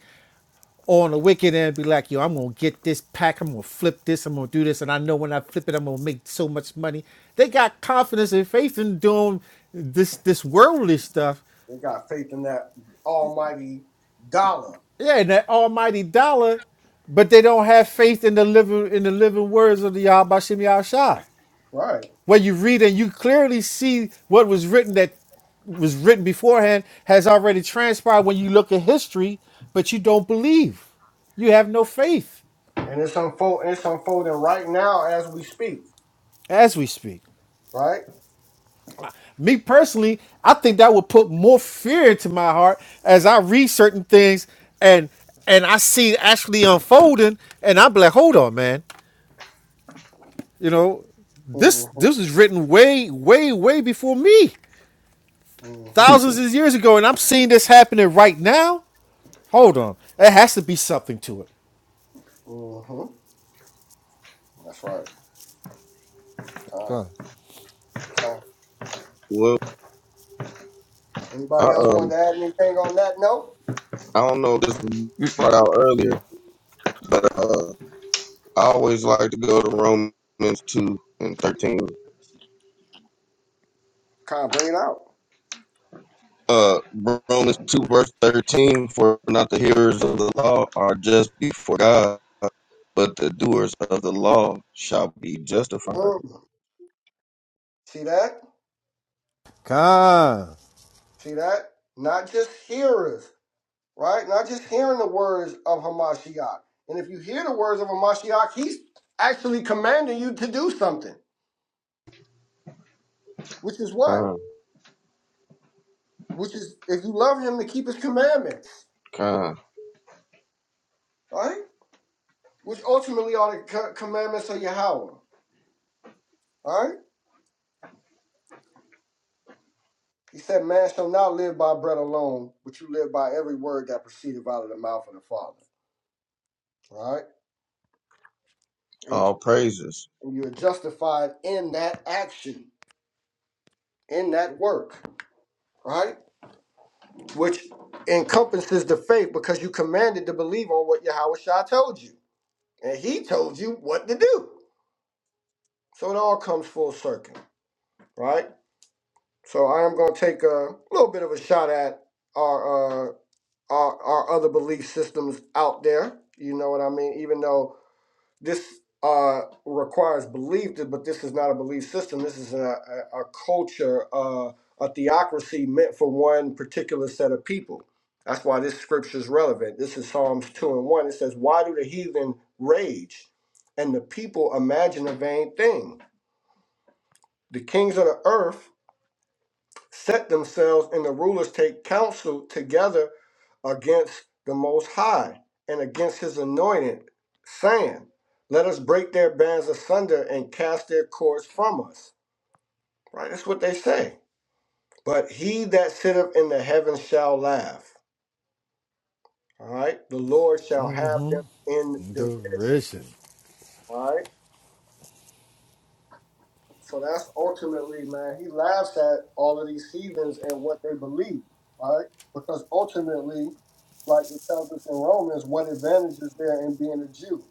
or on the wicked end be like, yo, I'm gonna get this pack, I'm gonna flip this, I'm gonna do this, and I know when I flip it, I'm gonna make so much money. They got confidence and faith in doing this this worldly stuff. They got faith in that almighty dollar. Yeah, and that almighty dollar, but they don't have faith in the living in the living words of the Yahbashim Yahshai. Right. Where you read and you clearly see what was written that was written beforehand has already transpired when you look at history, but you don't believe. You have no faith And it's unfolding it's unfolding right now as we speak. as we speak. Right? me personally, I think that would put more fear into my heart as I read certain things and and I see it actually unfolding, and I'm like, hold on, man, you know, this Mm-hmm. this was written way, way, way before me, Mm-hmm. thousands of years ago, and I'm seeing this happening right now. Hold on, there has to be something to it. Mm-hmm. That's right. Con, Con. con. Well, I, Anybody else um, want to add anything on that note? I don't know if this was brought out earlier, but. uh. I always like to go to Romans 2 and 13. Con, bring it out. Uh, Romans 2 verse 13, for not the hearers of the law are just before God, but the doers of the law shall be justified. Mm. See that? Con. See that? Not just hearers. right? Not just hearing the words of Hamashiach. And if you hear the words of Hamashiach, he's actually commanding you to do something, which is God, what? Which is, if you love him, to keep his commandments, God, right? Which ultimately are the commandments of Yahweh, right? He said, Man shall not live by bread alone, but you live by every word that proceedeth out of the mouth of the Father, right? And, all praises. and you're justified in that action, in that work, right? which encompasses the faith because you commanded to believe on what Yahweh Shah told you. And he told you what to do. So it all comes full circle, right? So I am going to take a little bit of a shot at our, uh, our, our other belief systems out there. You know what I mean? Even though this uh, requires belief, but this is not a belief system. This is a, a, a culture, uh, a theocracy meant for one particular set of people. That's why this scripture is relevant. This is Psalms 2 and 1. It says, Why do the heathen rage and the people imagine a vain thing? The kings of the earth set themselves and the rulers take counsel together against the Most High and against his anointed, saying, Let us break their bands asunder and cast their cords from us. Right? That's what they say. But he that sitteth in the heavens shall laugh. All right? The Lord shall have them in derision. Derision. All right? So that's ultimately, man, he laughs at all of these heathens and what they believe, right? Because ultimately, like it tells us in Romans, what advantage is there in being a Jew?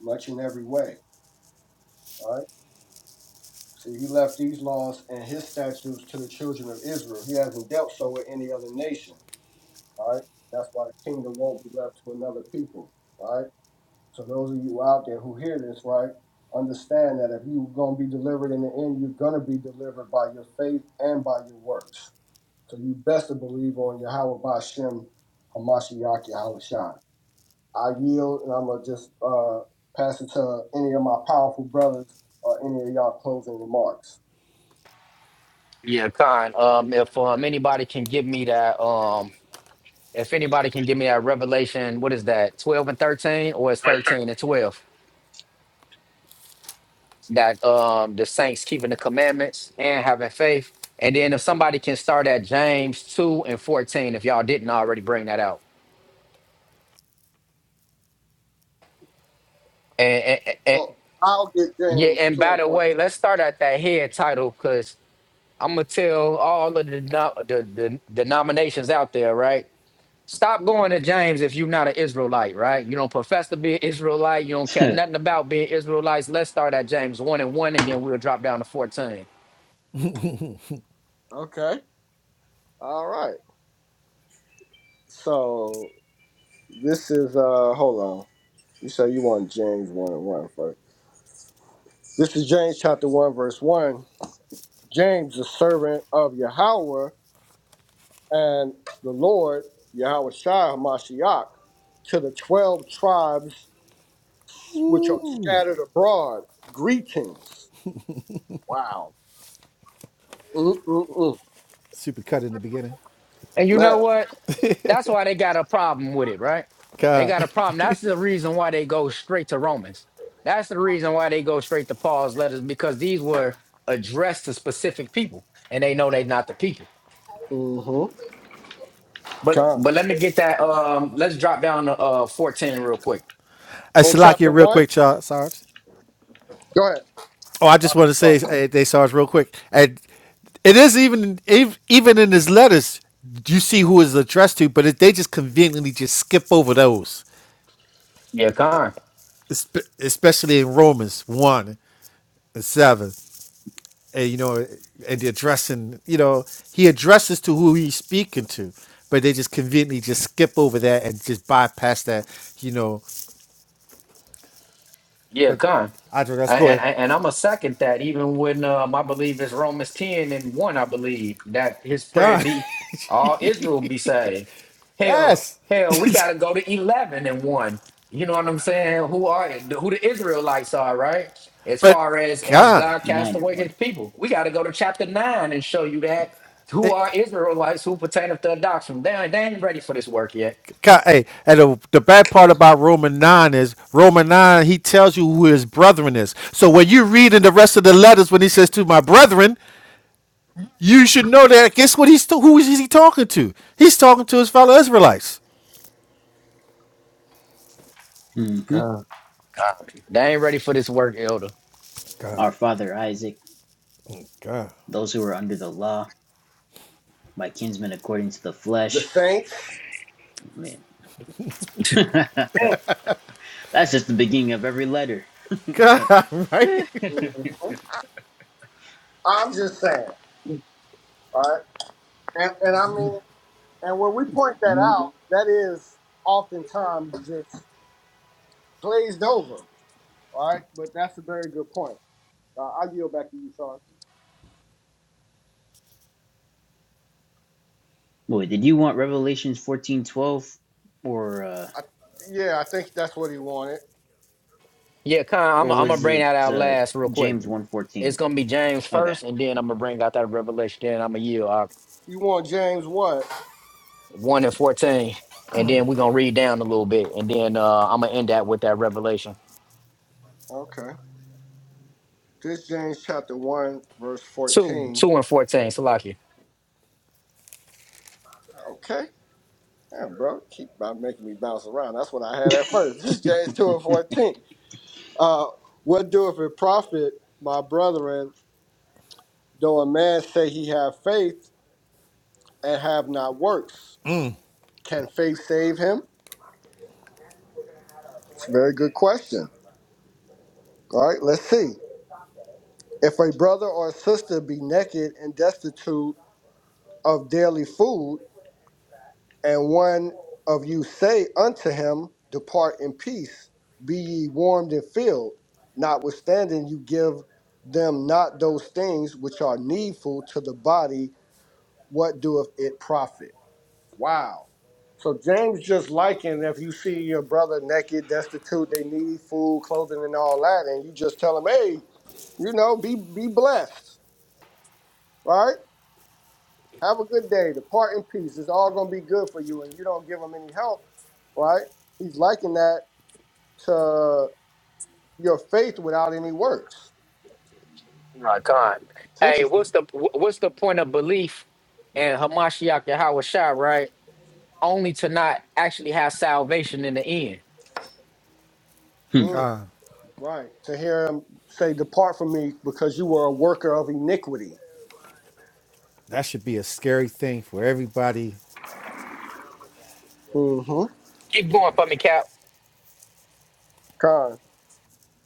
Much in every way, right? See, he left these laws and his statutes to the children of Israel. He hasn't dealt so with any other nation, right? That's why the kingdom won't be left to another people, right? So those of you out there who hear this, right, understand that if you're gonna be delivered in the end, you're gonna be delivered by your faith and by your works. So you best to believe on Yahweh Bashem Hamashiach Yahweh Shai. I yield and I'm gonna just uh, pass it to any of my powerful brothers or any of y'all closing remarks. Yeah, Con. Um, if um anybody can give me that um, if anybody can give me that Revelation, what is that? Twelve and thirteen, or it's thirteen and twelve? That um the saints keeping the commandments and having faith. And then if somebody can start at James two and fourteen, if y'all didn't already bring that out. And, and, and and- So I'll get yeah, James and two by and the way, fourteen. let's start at that head title because I'm gonna tell all of the, denom- the the denominations out there, right? Stop going to James if you're not an Israelite, right? You don't profess to be an Israelite. You don't care nothing about being Israelites. Let's start at James 1 and 1, and then we'll drop down to 14. Okay. All right. So this is uh hold on. You say you want James one and one first. This is James chapter 1, verse 1. James, the servant of Yahweh and the Lord, Yahweh Shai Hamashiach, to the 12 tribes which are Ooh, scattered abroad, greetings. Wow. Mm-mm-mm. super cut in the beginning. And you Man. know what? That's why they got a problem with it, right? They God, got a problem. That's the reason why they go straight to Romans. That's the reason why they go straight to Paul's letters because these were addressed to specific people, and they know they're not the people. Mm-hmm. But Come. but let me get that. Um, let's drop down to uh 14 real quick. I In should lock chapter you real 1, quick, y'all, Sorry. go ahead. Oh, I All just right, want to say start. uh, they saw us real quick, and it is even ev- even in his letters you see who is addressed to, but it, they just conveniently just skip over those, Yeah, Con. espe- especially in Romans one and seven, and you know, and the addressing, you know, he addresses to who he's speaking to, but they just conveniently just skip over that and just bypass that, you know. Yeah, But con. I that's I, go and ahead, I, and I'm a second that even when um, I believe it's Romans ten and one, I believe that his prayer God, be all Israel be saved. Hell, yes, hell, we got to go to eleven and one. You know what I'm saying? Who are who the Israelites are, right? As but far as has God. God cast Nine and away His one. people, we got to go to chapter nine and show you that who are Israelites who pertaineth to adoption. They, ain't- they ain't ready for this work yet. Ca- Hey, and the, the bad part about Roman 9 is Roman 9, he tells you who his brethren is. So when you read in the rest of the letters when he says to my brethren, you should know that guess what he's to, who is he talking to? He's talking to his fellow Israelites. Mm-hmm. God, God. They ain't ready for this work, Elder. God, Our father Isaac, God, those who are under the law, my kinsmen according to the The flesh. saints. Man, that's just the beginning of every letter. God, Eh. right? hmm I'm just saying, all right? And, and I mean, and when we point that out, that is oftentimes just glazed over. All right, but that's a very good point. Uh, I'll yield back to you, Sean. Boy, did you want Revelations fourteen twelve, or uh, I, yeah, I think that's what he wanted. Yeah, Con, I'm or I'm gonna was bring it that out uh, last real quick. James one fourteen? It's gonna be James Okay. first, and then I'm gonna bring out that revelation. Then I'm gonna yield uh, You want James what? one and fourteen, and then we're gonna read down a little bit, and then uh, I'm gonna end that with that revelation. Okay. This James chapter 1, verse Two, 14. two and fourteen, Salaki. Okay. Yeah, bro, keep about making me bounce around. That's what I had at first. This James 2 and 14. Uh, what doeth it profit, my brethren, though a man say he have faith and have not works? Can faith save him? It's a very good question. All right, let's see. If a brother or sister be naked and destitute of daily food, and one of you say unto him, Depart in peace, be ye warmed and filled, notwithstanding you give them not those things which are needful to the body, what doeth it profit? Wow. So James just likened if you see your brother naked, destitute, they need food, clothing, and all that, and you just tell him, Hey, you know, be be blessed, right? Have a good day. Depart in peace. It's all going to be good for you, and you don't give them any help, right? He's liking that to your faith without any works. Right, Con. It's Hey, interesting. what's the wh- what's the point of belief in Hamashiach Yahweh Shai, right? Only to not actually have salvation in the end. Hmm. Mm, God, right. To hear him say, Depart from me because you were a worker of iniquity. That should be a scary thing for everybody. Mm-hmm. Keep going for me, Cap. Kind.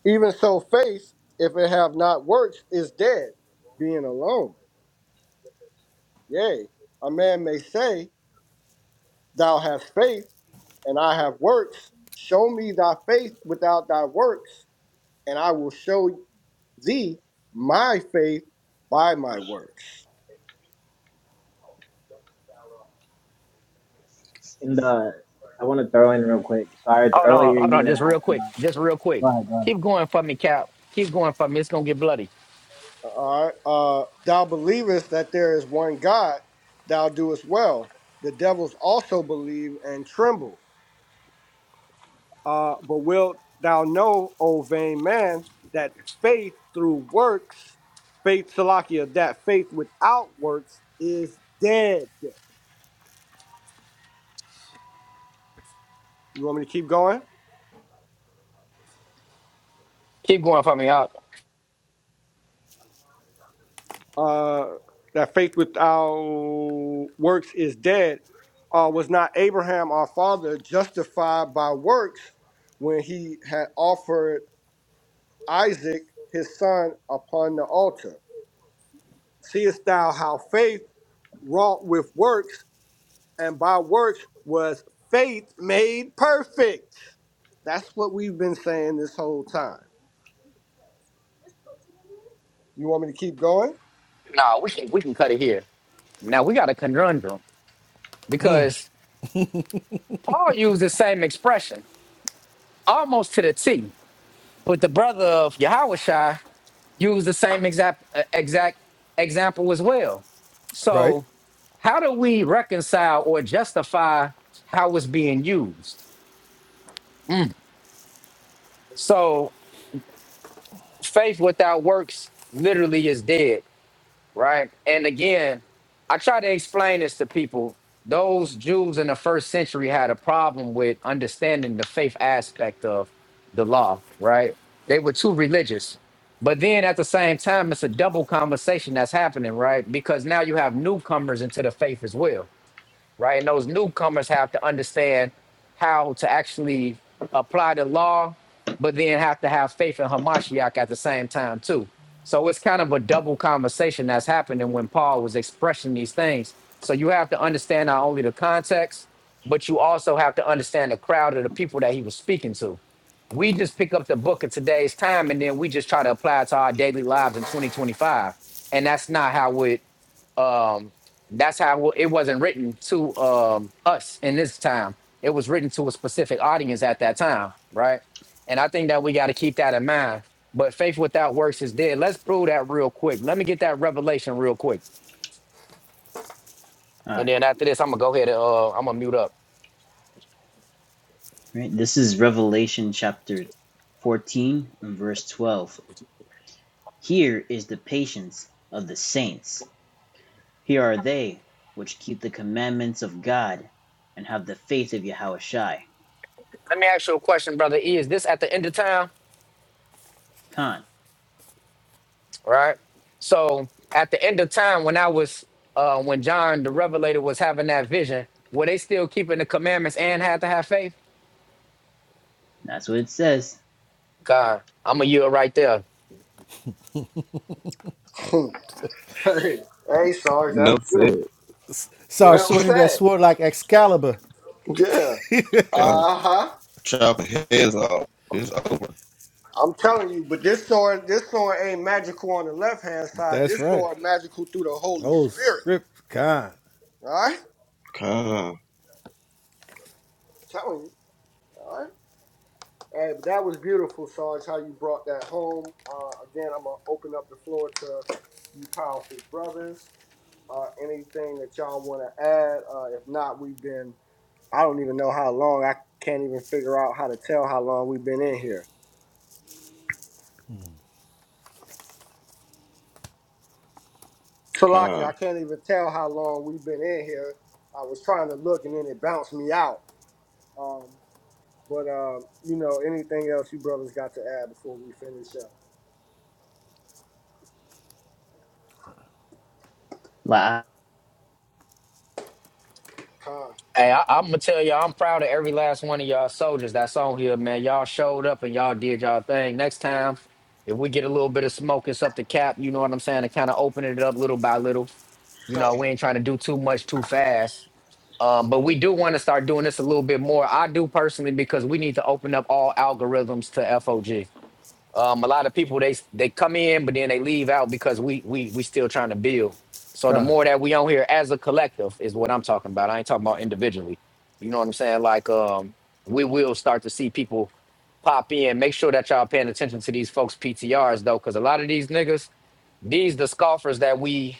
Even so, faith, if it have not works, is dead, being alone. Yea, a man may say, Thou hast faith, and I have works. Show me thy faith without thy works, and I will show thee my faith by my works. and uh, I want to throw in real quick, Sarge. Hold on, Earlier hold you on, had just real asked quick, about. just real quick. Go ahead, go ahead. Keep going for me, Cap. Keep going for me. It's gonna get bloody. All right. Uh, thou believest that there is one God, thou doest well. The devils also believe and tremble. Uh, but wilt thou know, O vain man, that faith through works, faith, Salakia, that faith without works is dead. You want me to keep going? Keep going for me. Out. uh, that faith without works is dead. Uh, was not Abraham our father justified by works when he had offered Isaac his son upon the altar? Seest thou how faith wrought with works, and by works was faith made perfect? That's what we've been saying this whole time. You want me to keep going? Nah, we can we can cut it here. Now we got a conundrum because Paul used the same expression almost to the T, but the brother of Yahushua used the same exact uh, exact example as well. right? So how do we reconcile or justify how it's being used? So faith without works literally is dead right? And again, I try to explain this to people. Those Jews in the first century had a problem with understanding the faith aspect of the law, right? They were too religious. But then at the same time, it's a double conversation that's happening, right? Because now you have newcomers into the faith as well right? And those newcomers have to understand how to actually apply the law, but then have to have faith in Hamashiach at the same time too. So it's kind of a double conversation that's happening when Paul was expressing these things. So you have to understand not only the context, but you also have to understand the crowd of the people that he was speaking to. We just pick up the book of today's time and then we just try to apply it to our daily lives in 2025. And that's not how it um that's how it wasn't written to um us in this time it was written to a specific audience at that time right and i think that we got to keep that in mind but faith without works is dead let's prove that real quick let me get that revelation real quick All and then right. after this i'm gonna go ahead and uh i'm gonna mute up Right. This is Revelation chapter 14 and verse 12. Here is the patience of the saints. Here are they which keep the commandments of God and have the faith of Yahushai. let me ask you a question brother e is this at the end of time Khan. right so at the end of time when i was uh when john the revelator was having that vision were they still keeping the commandments and had to have faith That's what it says. God, I'm a year right there. hey, hey, Sarge, no that's said. beautiful. S- Start Well swinging that said. sword like Excalibur. Yeah. God, Uh huh. chop heads off. It's over. I'm telling you, but this sword, this sword ain't magical on the left hand side. That's This right. sword magical through the Holy Oh, Spirit. script, God. All right. God, telling you. All right. Hey, but that was beautiful, Sarge. How you brought that home. Uh, again, I'm gonna open up the floor to you, powerful brothers. Uh, anything that y'all want to add? Uh, if not, we've been. I don't even know how long. I can't even figure out how to tell how long we've been in here. Salaki, I God. can't even tell how long we've been in here. I was trying to look and then it bounced me out. Um, but, um, you know, anything else you brothers got to add before we finish up? La. Con, Hey, I, I'm gonna tell y'all, I'm proud of every last one of y'all soldiers that's on here, man. Y'all showed up and y'all did y'all thing. Next time, if we get a little bit of smoke, it's up the cap. You know what I'm saying? To kind of open it up little by little. You con, know, we ain't trying to do too much too fast. Um, but we do want to start doing this a little bit more. I do personally because we need to open up all algorithms to FOG. Um, a lot of people they they come in, but then they leave out because we we we still trying to build. So the God, more that we on here as a collective is what I'm talking about. I ain't talking about individually. You know what I'm saying? Like um, we will start to see people pop in. Make sure that y'all paying attention to these folks PTRs though, because a lot of these niggas these the scoffers that we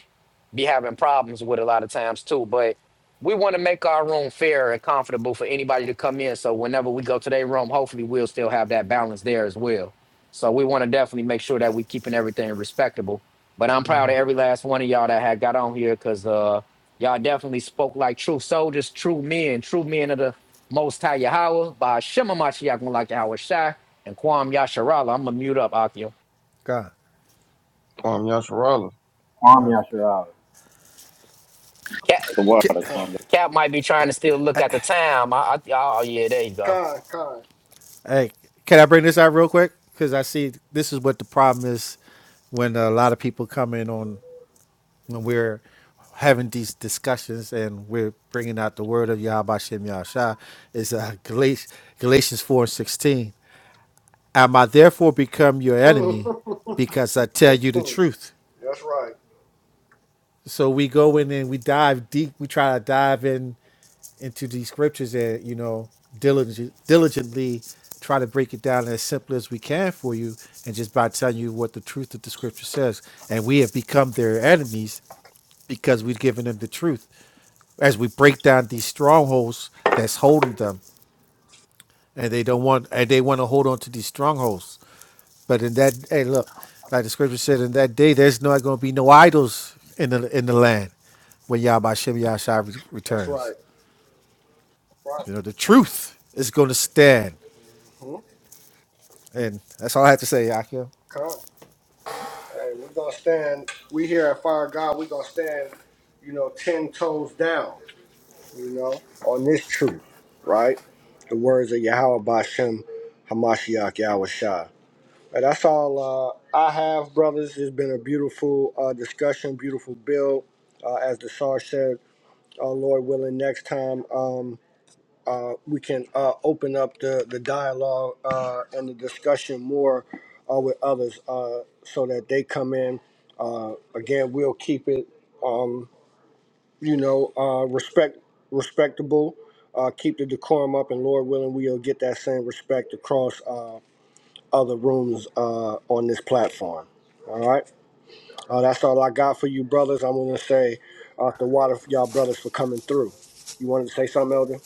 be having problems with a lot of times too. But we want to make our room fair and comfortable for anybody to come in. So whenever we go to their room, hopefully we'll still have that balance there as well. So we want to definitely make sure that we keeping everything respectable. But I'm proud of every last one of y'all that had got on here because uh y'all definitely spoke like true soldiers, true men, true men of the most high Yahweh by Shema Mashiach like Yahweh Shai and Kwam Yasharala. I'm gonna mute up Akio. God, Kwame Yasharala. Kwam God. Yasharal. The water, Kwam Cap might be trying to still look at the time. I, I, oh yeah, there you go. con, con, con. Hey, can I bring this out real quick? Because I see this is what the problem is when a lot of people come in on when we're having these discussions and we're bringing out the word of Yahweh Shem Yahshua is uh, Galatians, Galatians 4 and 16. Am I therefore become your enemy because I tell you the truth? That's right. so we go in and we dive deep we try to dive in into these scriptures and you know diligent, diligently try to break it down as simply as we can for you and just by telling you what the truth of the scripture says and we have become their enemies because we've given them the truth as we break down these strongholds that's holding them and they don't want and they want to hold on to these strongholds. But in that hey look, like the scripture said, in that day there's not gonna be no idols in the in the land when Yahweh Shem Yahshai re- That's returns. right. Right. You know, the truth is gonna stand. hmm And that's all I have to say, Yakim. Con. Hey, we're going to stand, we here at Fire God, we're going to stand, you know, 10 toes down, you know, on this truth, right? The words of Yahweh Bashem Hamashiach Yahweh Shai. And that's all uh, I have, brothers. It's been a beautiful uh, discussion, beautiful build. Uh, as the Sarge said, uh, Lord willing, next time um, uh, we can uh, open up the, the dialogue uh, and the discussion more uh, with others uh, so that they come in. Uh, again, we'll keep it, um, you know, uh, respect respectable. Uh, keep the decorum up, and Lord willing, we'll get that same respect across. Uh, other rooms uh, on this platform. All right. Uh, that's all I got for you, brothers. I want to say uh, the water for y'all brothers for coming through. You wanted to say something, Elder?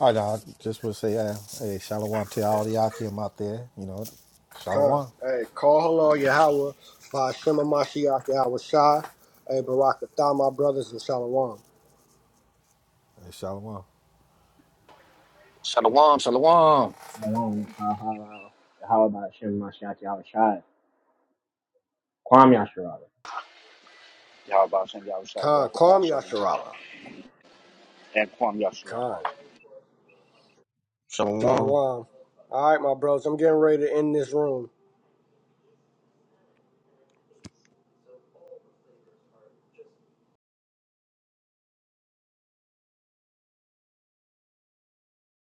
All right, now, I just want to say, uh, hey, shalom to all the Yakim out there. You know, Time. shalom, Hey, call hello Yahweh by Shema Mashiach Yahweh Shai. Hey, Barakatah, my brothers in Shalom. hey, shalom. Shalom, shalom. Shalom. Ha, ha, ha. How about Shem Mashiach Yahushua? Kwam Yasharal. Yahbashan Yahusha Khan, call Barakatah, me shalom, Yasharala. and Kwam Yashua. Khan, Shalom. Shalom. All right, my brothers, I'm getting ready to end this room.